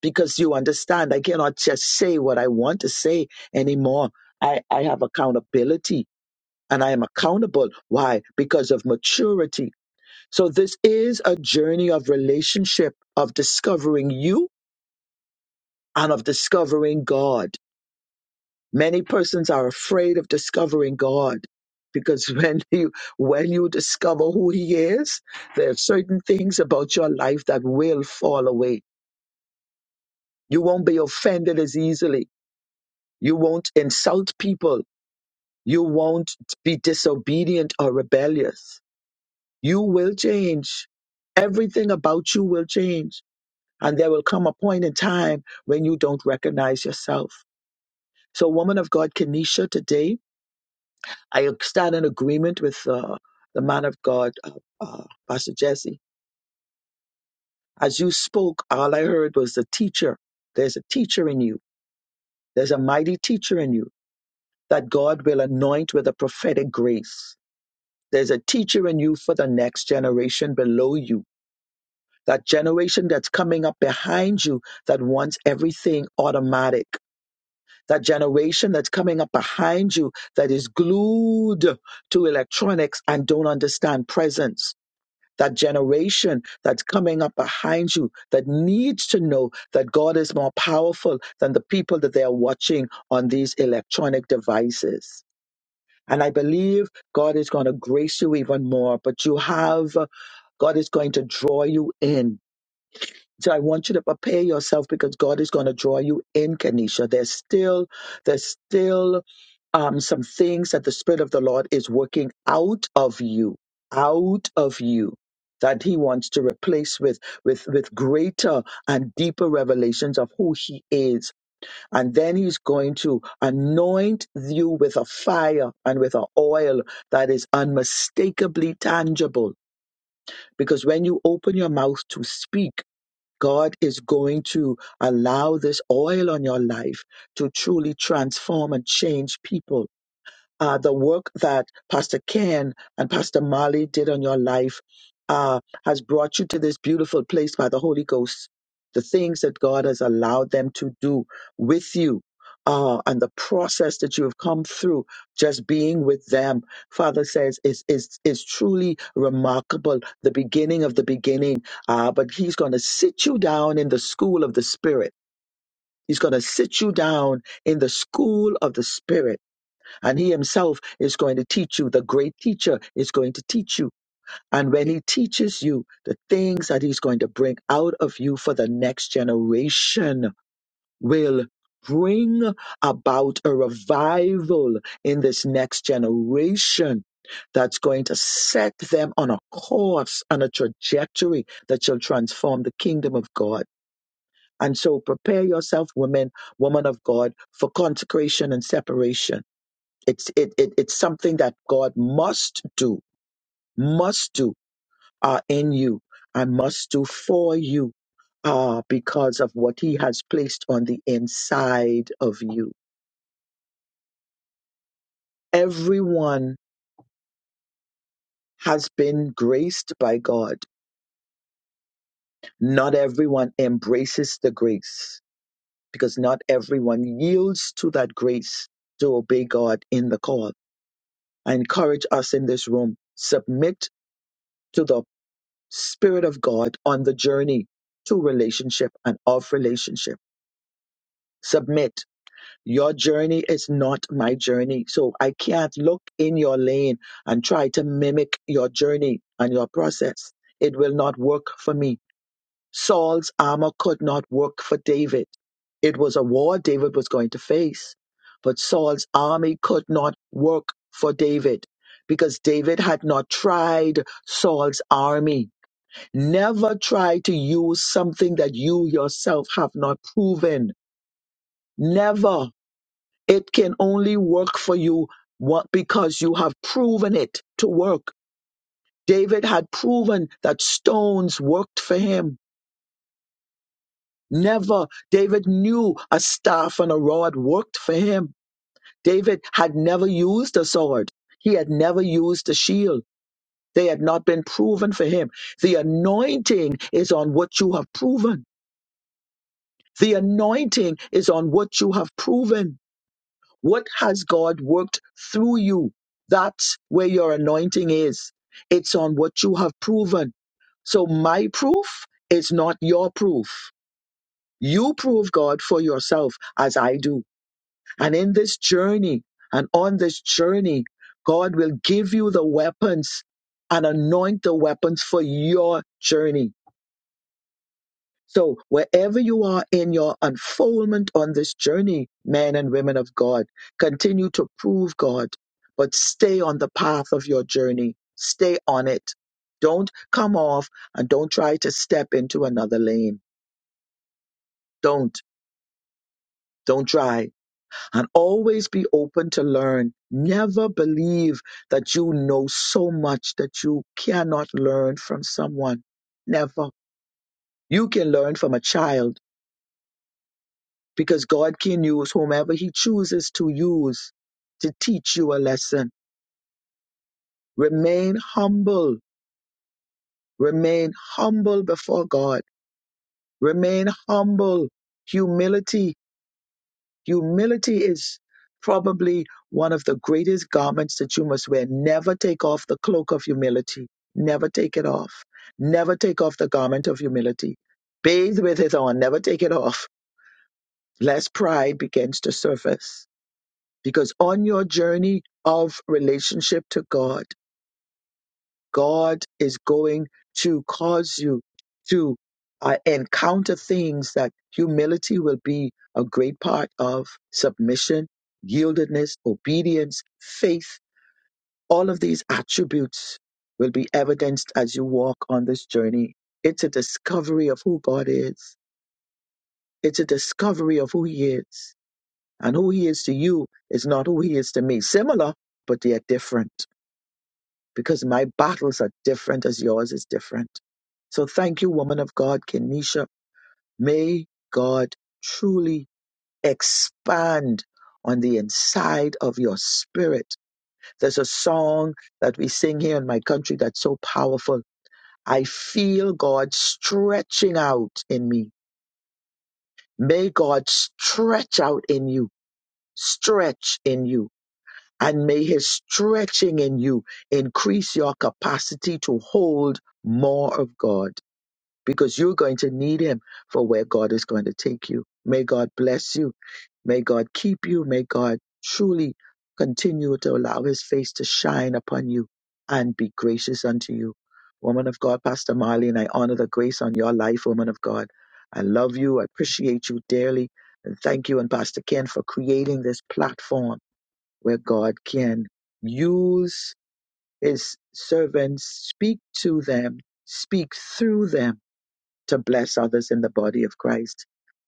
because you understand I cannot just say what I want to say anymore. I, I have accountability and I am accountable. Why? Because of maturity. So this is a journey of relationship, of discovering you and of discovering God. Many persons are afraid of discovering God because when you when you discover who he is, there are certain things about your life that will fall away. You won't be offended as easily You won't insult people. You won't be disobedient or rebellious. You will change. Everything about you will change. And there will come a point in time when you don't recognize yourself. So, woman of God, Kenesha, today, I stand in agreement with uh, the man of God, uh, uh, Pastor Jesse. As you spoke, all I heard was the teacher. There's a teacher in you, there's a mighty teacher in you that God will anoint with a prophetic grace There's a teacher in you for the next generation below you, that generation that's coming up behind you that wants everything automatic. That generation that's coming up behind you that is glued to electronics and don't understand presence. That generation that's coming up behind you that needs to know that God is more powerful than the people that they are watching on these electronic devices and I believe God is going to grace you even more, but you have, uh, God is going to draw you in. So I want you to prepare yourself because God is going to draw you in, Kenesha. There's still, there's still um, some things that the Spirit of the Lord is working out of you, out of you. That he wants to replace with, with, with greater and deeper revelations of who he is and then he's going to anoint you with a fire and with an oil that is unmistakably tangible. Because when you open your mouth to speak, God is going to allow this oil on your life to truly transform and change people uh, the work that Pastor Ken and Pastor Marley did on your life uh, has brought you to this beautiful place by the Holy Ghost. The things that God has allowed them to do with you uh, and the process that you have come through just being with them, Father says, is, is, is truly remarkable. The beginning of the beginning. Uh, but He's going to sit you down in the school of the Spirit. He's going to sit you down in the school of the Spirit and he himself is going to teach you. The great teacher is going to teach you. And when he teaches you, the things that he's going to bring out of you for the next generation will bring about a revival in this next generation that's going to set them on a course and a trajectory that shall transform the kingdom of God. And so prepare yourself, women, woman of God, for consecration and separation it's it, it it's something that God must do, must do uh, in you, and must do for you, uh, because of what He has placed on the inside of you. Everyone has been graced by God. Not everyone embraces the grace because not everyone yields to that grace to obey God in the call. I encourage us in this room: submit to the. Spirit of God on the journey to relationship and of relationship. Submit. Your journey is not my journey. So I can't look in your lane and try to mimic your journey and your process. It will not work for me. Saul's armor could not work for David. It was a war David was going to face, but Saul's army could not work for David because David had not tried Saul's army. Never try to use something that you yourself have not proven. Never. It can only work for you what, because you have proven it to work. David had proven that stones worked for him. Never. David knew a staff and a rod worked for him. David had never used a sword. He had never used a shield. They had not been proven for him. The anointing is on what you have proven. The anointing is on what you have proven. What has God worked through you? That's where your anointing is. It's on what you have proven. So my proof is not your proof. You prove God for yourself as I do. And in this journey and on this journey, God will give you the weapons and anoint the weapons for your journey. So, wherever you are in your unfoldment on this journey, men and women of God, continue to prove God, but stay on the path of your journey. Stay on it. Don't come off and don't try to step into another lane. Don't. Don't try. And always be open to learn. Never believe that you know so much that you cannot learn from someone. Never. You can learn from a child because God can use whomever He chooses to use to teach you a lesson. Remain humble. Remain humble before God. Remain humble. Humility. Humility is probably one of the greatest garments that you must wear. Never take off the cloak of humility. Never take it off. Never take off the garment of humility. Bathe with it on. Never take it off, lest pride begins to surface Because on your journey of relationship to God, God is going to cause you to uh, encounter things that humility will be a great part of submission, yieldedness, obedience, faith. All of these attributes will be evidenced as you walk on this journey. It's a discovery of who God is. It's a discovery of who He is. And who He is to you is not who He is to me. Similar, but they are different. because my battles are different as yours is different. So thank you, woman of God, Kenisha. May God truly expand on the inside of your spirit. There's a song that we sing here in my country that's so powerful. I feel God stretching out in me. May God stretch out in you, stretch in you. And may his stretching in you increase your capacity to hold more of God because you're going to need him for where God is going to take you. May God bless you. May God keep you. May God truly continue to allow his face to shine upon you and be gracious unto you. Woman of God, Pastor Marlene, I honor the grace on your life, woman of God. I love you. I appreciate you dearly. And thank you and Pastor Ken for creating this platform where God can use his servants, speak to them, speak through them to bless others in the body of Christ.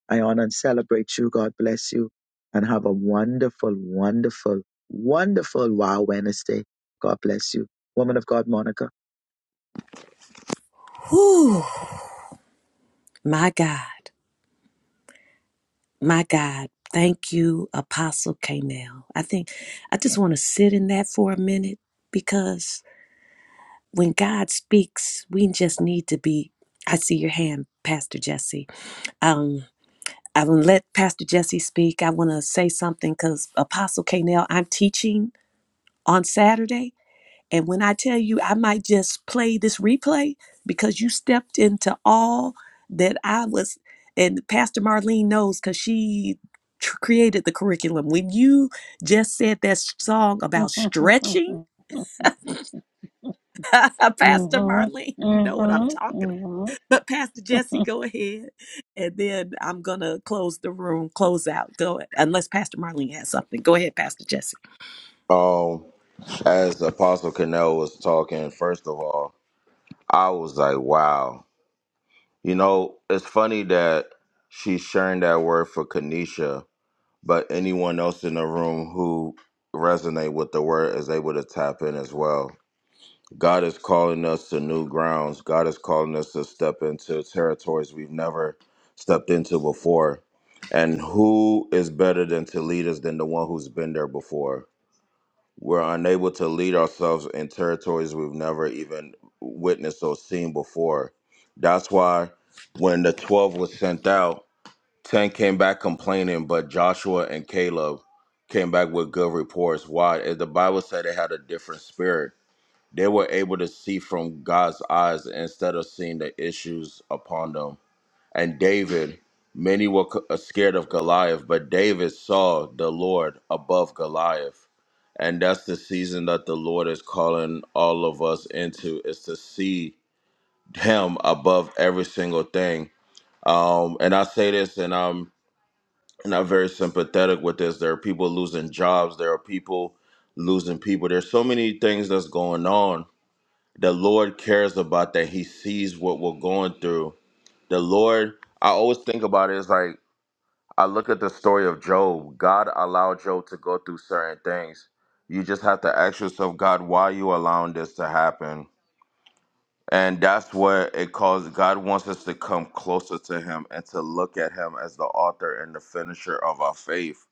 I honor and celebrate you. God bless you and have a wonderful, wonderful, wonderful Wow Wednesday. God bless you. Woman of God, Monica. Whew, my God, my God. Thank you, Apostle Canel. I think I just want to sit in that for a minute because when God speaks, we just need to be. I see your hand, Pastor Jesse. Um. I will let Pastor Jesse speak. I want to say something because Apostle Kanell, I'm teaching on Saturday. And when I tell you, I might just play this replay because you stepped into all that I was, and Pastor Marlene knows because she tr- created the curriculum. When you just said that song about stretching, Pastor Marlene, you know what I'm talking about. But Pastor Jesse, go ahead. And then I'm going to close the room, close out. Go unless Pastor Marlene has something. Go ahead, Pastor Jesse. Um, as Apostle Cannell was talking, first of all, I was like, wow. You know, it's funny that she's sharing that word for Kanisha, but anyone else in the room who resonate with the word is able to tap in as well. God is calling us to new grounds. God is calling us to step into territories we've never stepped into before. And who is better than to lead us than the one who's been there before? We're unable to lead ourselves in territories we've never even witnessed or seen before. That's why when the 12 was sent out, 10 came back complaining, but Joshua and Caleb came back with good reports. Why? Eh, The Bible said they had a different spirit they were able to see from God's eyes instead of seeing the issues upon them. And David, many were c- uh, scared of Goliath, but David saw the Lord above Goliath. And that's the season that the Lord is calling all of us into is to see him above every single thing. Um, and I say this and I'm not very sympathetic with this. There are people losing jobs, there are people losing people. There's so many things that's going on the Lord cares about that. He sees what we're going through. The Lord, I always think about it. It's like I look at the story of Job. God allowed Job to go through certain things. You just have to ask yourself, God, why are you allowing this to happen? And that's what it calls. God wants us to come closer to Him and to look at Him as the author and the finisher of our faith.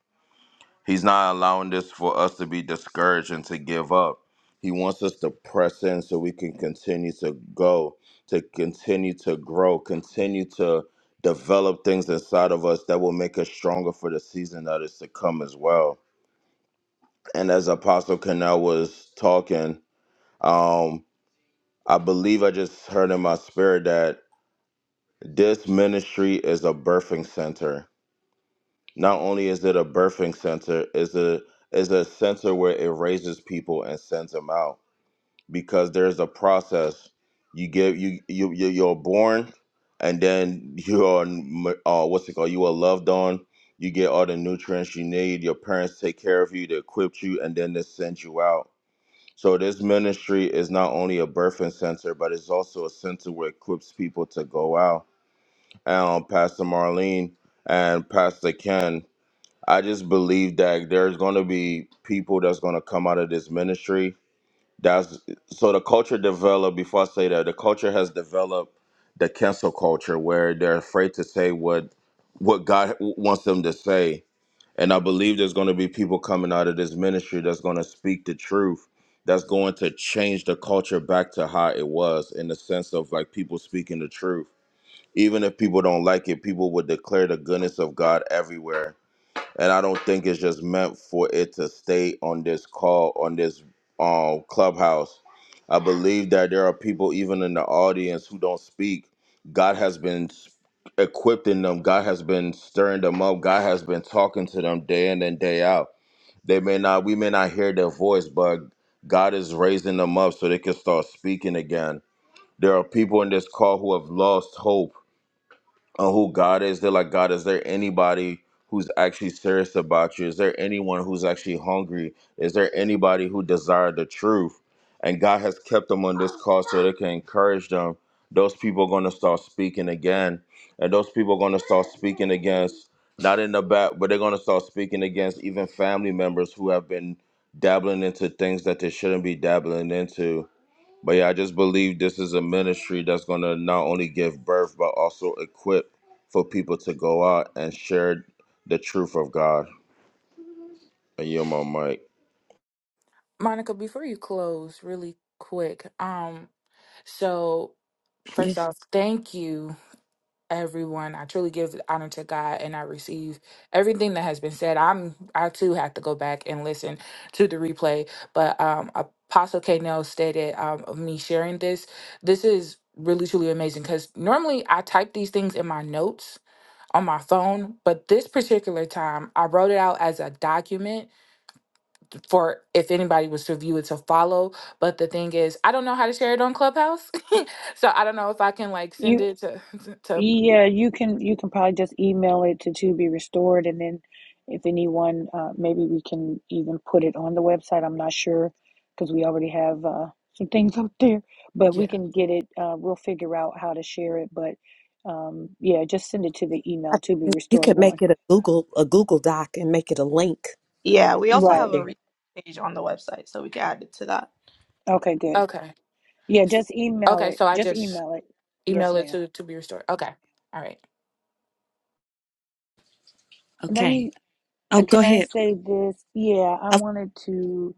He's not allowing this for us to be discouraged and to give up. He wants us to press in so we can continue to go, to continue to grow, continue to develop things inside of us that will make us stronger for the season that is to come as well. And as Apostle Canal was talking, um, I believe I just heard in my spirit that this ministry is a birthing center Not only is it a birthing center, is a is a center where it raises people and sends them out because there's a process. You give you you you- you're born, and then you are m- uh, what's it called? You are loved on. You get all the nutrients you need. Your parents take care of you. They equip you, and then they send you out. So this ministry is not only a birthing center, but it's also a center where it equips people to go out. And um, Pastor Marlene and Pastor Ken I just believe that there's going to be people that's going to come out of this ministry. That's so the culture developed. Before I say that, the culture has developed the cancel culture where they're afraid to say what what God wants them to say. And I believe there's going to be people coming out of this ministry that's going to speak the truth. That's going to change the culture back to how it was in the sense of like people speaking the truth. Even if people don't like it, people would declare the goodness of God everywhere and I don't think it's just meant for it to stay on this call on this um clubhouse. I believe that there are people even in the audience who don't speak. God has been s- equipping them. God has been stirring them up. God has been talking to them day in and day out. They may not we may not hear their voice, but God is raising them up so they can start speaking again. There are people in this call who have lost hope on who God is. They're like, God, is there anybody who's actually serious about you? Is there anyone who's actually hungry? Is there anybody who desired the truth? And God has kept them on this call so they can encourage them. Those people are going to start speaking again. And those people are going to start speaking against, not in the back, but they're going to start speaking against even family members who have been dabbling into things that they shouldn't be dabbling into but yeah, I just believe this is a ministry that's going to not only give birth, but also equip for people to go out and share the truth of God. And you're my mic. Monica, before you close, really quick. Um, so You First off, thank you, everyone. I truly give honor to God and I receive everything that has been said. I'm I too have to go back and listen to the replay. But um Apostle K Nell stated um of me sharing this. This is really truly amazing because normally I type these things in my notes on my phone, but this particular time I wrote it out as a document for if anybody was to view it to follow. But the thing is, I don't know how to share it on Clubhouse. so I don't know if I can like you, send it to to to- Yeah, you can you can probably just email it to To Be Restored, and then if anyone, uh, maybe we can even put it on the website. I'm not sure because we already have uh, some things up there, but we yeah. can get it. Uh, we'll figure out how to share it, but um, yeah, just send it to the email To Be you Restored can one. make it a Google a Google Doc and make it a link. Yeah, we also have Right. a Share. research page on the website, so we can add it to that. Okay. Good. Okay. Yeah, just email Okay, it. so I Just just email it. Yes, email it ma'am. to to be restored. Okay. All right. Let Okay. me. Oh, go Can I ahead. say this? Yeah, I Oh, wanted to.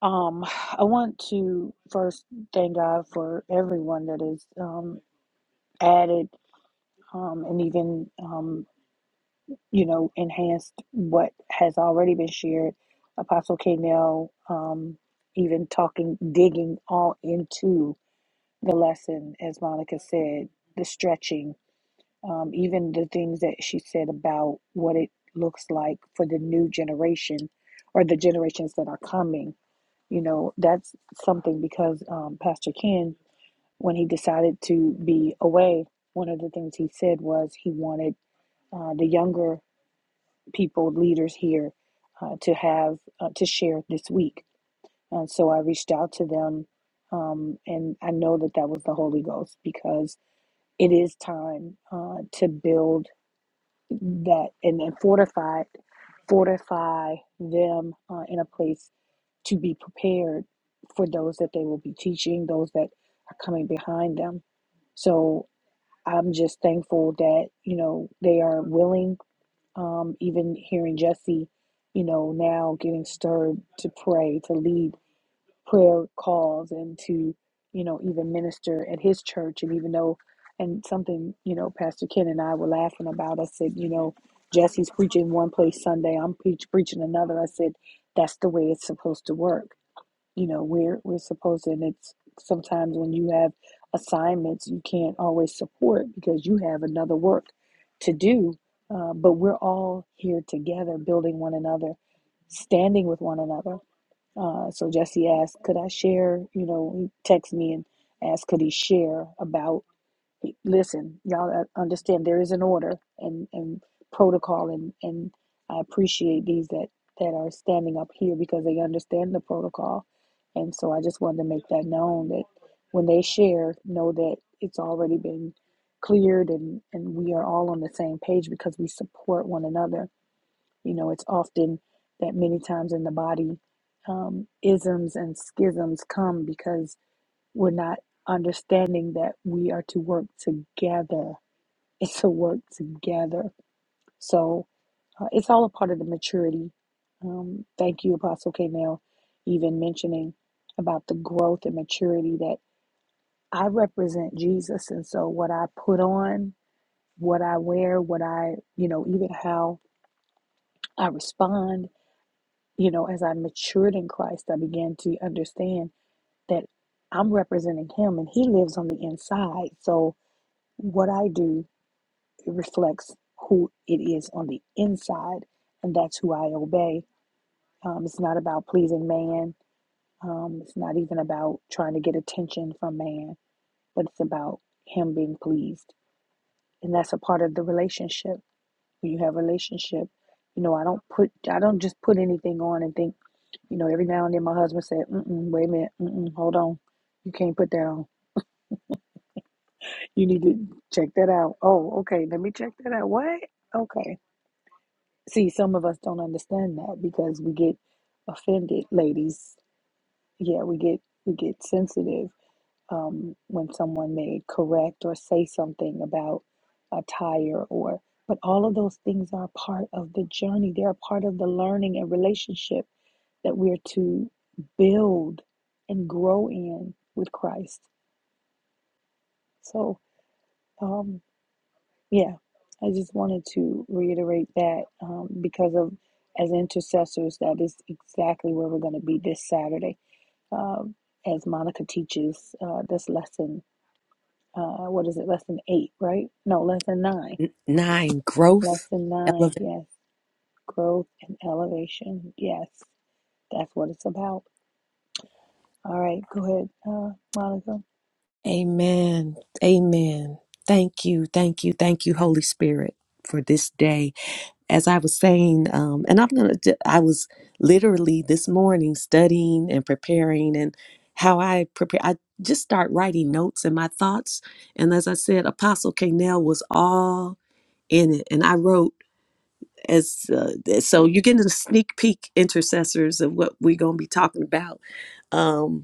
Um, I want to first thank God for everyone that has um, added um, and even, um, you know, enhanced what has already been shared. Apostle K. um, even talking, digging all into the lesson, as Monica said, the stretching, um, even the things that she said about what it looks like for the new generation or the generations that are coming You know, that's something because um, Pastor Ken, when he decided to be away, one of the things he said was he wanted uh, the younger people, leaders here, uh, to have uh, to share this week. And so I reached out to them, um, and I know that that was the Holy Ghost because it is time uh, to build that and, and fortify fortify them uh, in a place to be prepared for those that they will be teaching, those that are coming behind them. So I'm just thankful that, you know, they are willing, um, even hearing Jesse, you know, now getting stirred to pray, to lead prayer calls and to, you know, even minister at his church. And even though, and something, you know, Pastor Ken and I were laughing about, I said, you know, Jesse's preaching one place Sunday, I'm preach, preaching another. I said, that's the way it's supposed to work you know we're we're supposed to and it's sometimes when you have assignments you can't always support because you have another work to do uh, but we're all here together building one another standing with one another uh, so jesse asked could i share you know he texted me and asked could he share about listen, y'all uh, understand there is an order and, and protocol, and, and I appreciate these that, that are standing up here because they understand the protocol. And so I just wanted to make that known that when they share, know that it's already been cleared and, and we are all on the same page because we support one another. You know, it's often that many times in the body, um, isms and schisms come because we're not understanding that we are to work together. It's a work together. So uh, it's all a part of the maturity. Um, thank you, Apostle K. Now, even mentioning about the growth and maturity that I represent Jesus. And so what I put on, what I wear, what I, you know, even how I respond, you know, as I matured in Christ, I began to understand that I'm representing him and he lives on the inside. So, What I do, it reflects who it is on the inside, and that's who I obey. Um, it's not about pleasing man. Um, it's not even about trying to get attention from man, but it's about him being pleased, and that's a part of the relationship. When you have a relationship, you know, I don't put, I don't just put anything on and think, you know, every now and then my husband said, Mm-mm, "Wait a minute, mm-mm, hold on, you can't put that on. You need to check that out." Oh, okay, let me check that out. What? Okay See, some of us don't understand that because we get offended, ladies. Yeah, we get we get sensitive um, when someone may correct or say something about a tire or. But all of those things are part of the journey. They are part of the learning and relationship that we're to build and grow in with Christ. So, um. Yeah, I just wanted to reiterate that um, because of as intercessors, that is exactly where we're going to be this Saturday. Um, as Monica teaches uh, this lesson, uh, what is it? Lesson eight, right? No, lesson nine. N- Nine growth Lesson nine, elevate. yes. Growth and elevation, yes. That's what it's about. All right, go ahead, uh, Monica. Amen. Amen. Thank you. Thank you. Thank you, Holy Spirit, for this day. as I was saying, um, and I'm gonna, d- I was literally this morning studying and preparing and how I prepare, I just start writing notes and my thoughts. And as I said, Apostle Canel was all in it. And I wrote as, uh, so you're getting a sneak peek intercessors of what we're going to be talking about. Um,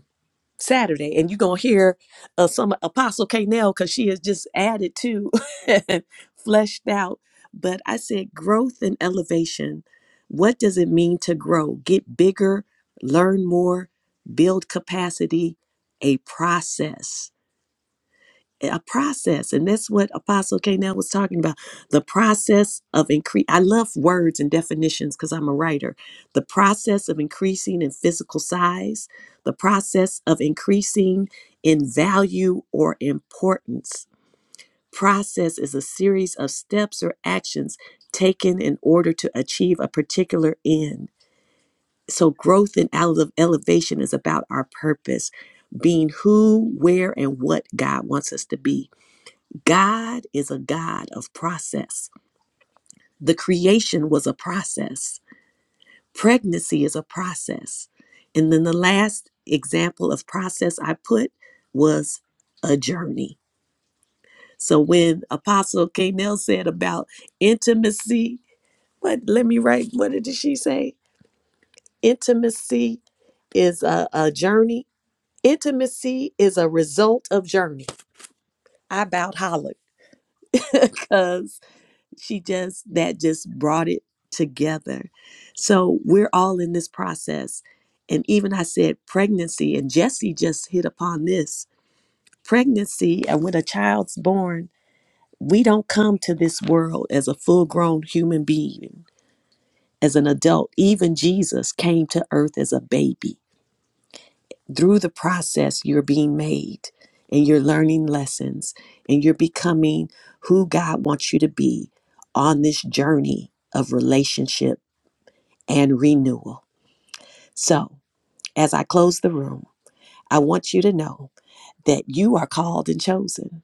Saturday, and you're gonna hear uh, some Apostle Kanell because she has just added to and fleshed out. But I said growth and elevation. What does it mean to grow? Get bigger, learn more, build capacity. A process a process and that's what apostle k now was talking about the process of increase i love words and definitions because i'm a writer the process of increasing in physical size the process of increasing in value or importance process is a series of steps or actions taken in order to achieve a particular end so growth and ele- elevation is about our purpose being who where and what god wants us to be God is a God of process. The creation was a process. Pregnancy is a process. And then the last example of process I put was a journey. So when Apostle Kanell said about intimacy, what let me write, what did she say? Intimacy is a, a journey. Intimacy is a result of journey. I about hollered because she just that just brought it together so we're all in this process and even i said pregnancy and jesse just hit upon this pregnancy and when a child's born we don't come to this world as a full grown human being as an adult even jesus came to earth as a baby through the process you're being made and you're learning lessons and you're becoming who god wants you to be on this journey of relationship and renewal. So, as I close the room, I want you to know that you are called and chosen.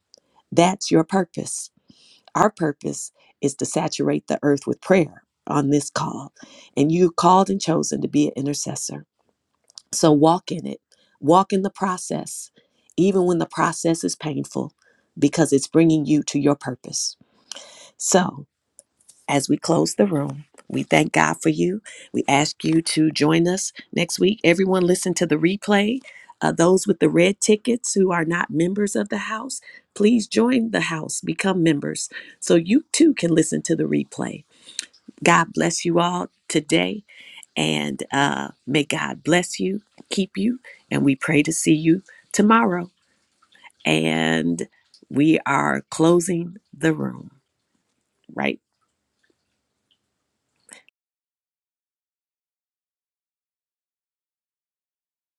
That's your purpose. Our purpose is to saturate the earth with prayer on this call. And you called and chosen to be an intercessor. So walk in it. Walk in the process, even when the process is painful, because it's bringing you to your purpose. So, as we close the room. We thank God for you. We ask you to join us next week. Everyone, listen to the replay. Uh, those with the red tickets who are not members of the house, please join the house, become members, so you too can listen to the replay. God bless you all today, and uh, may God bless you, keep you, and we pray to see you tomorrow. And we are closing the room right. now.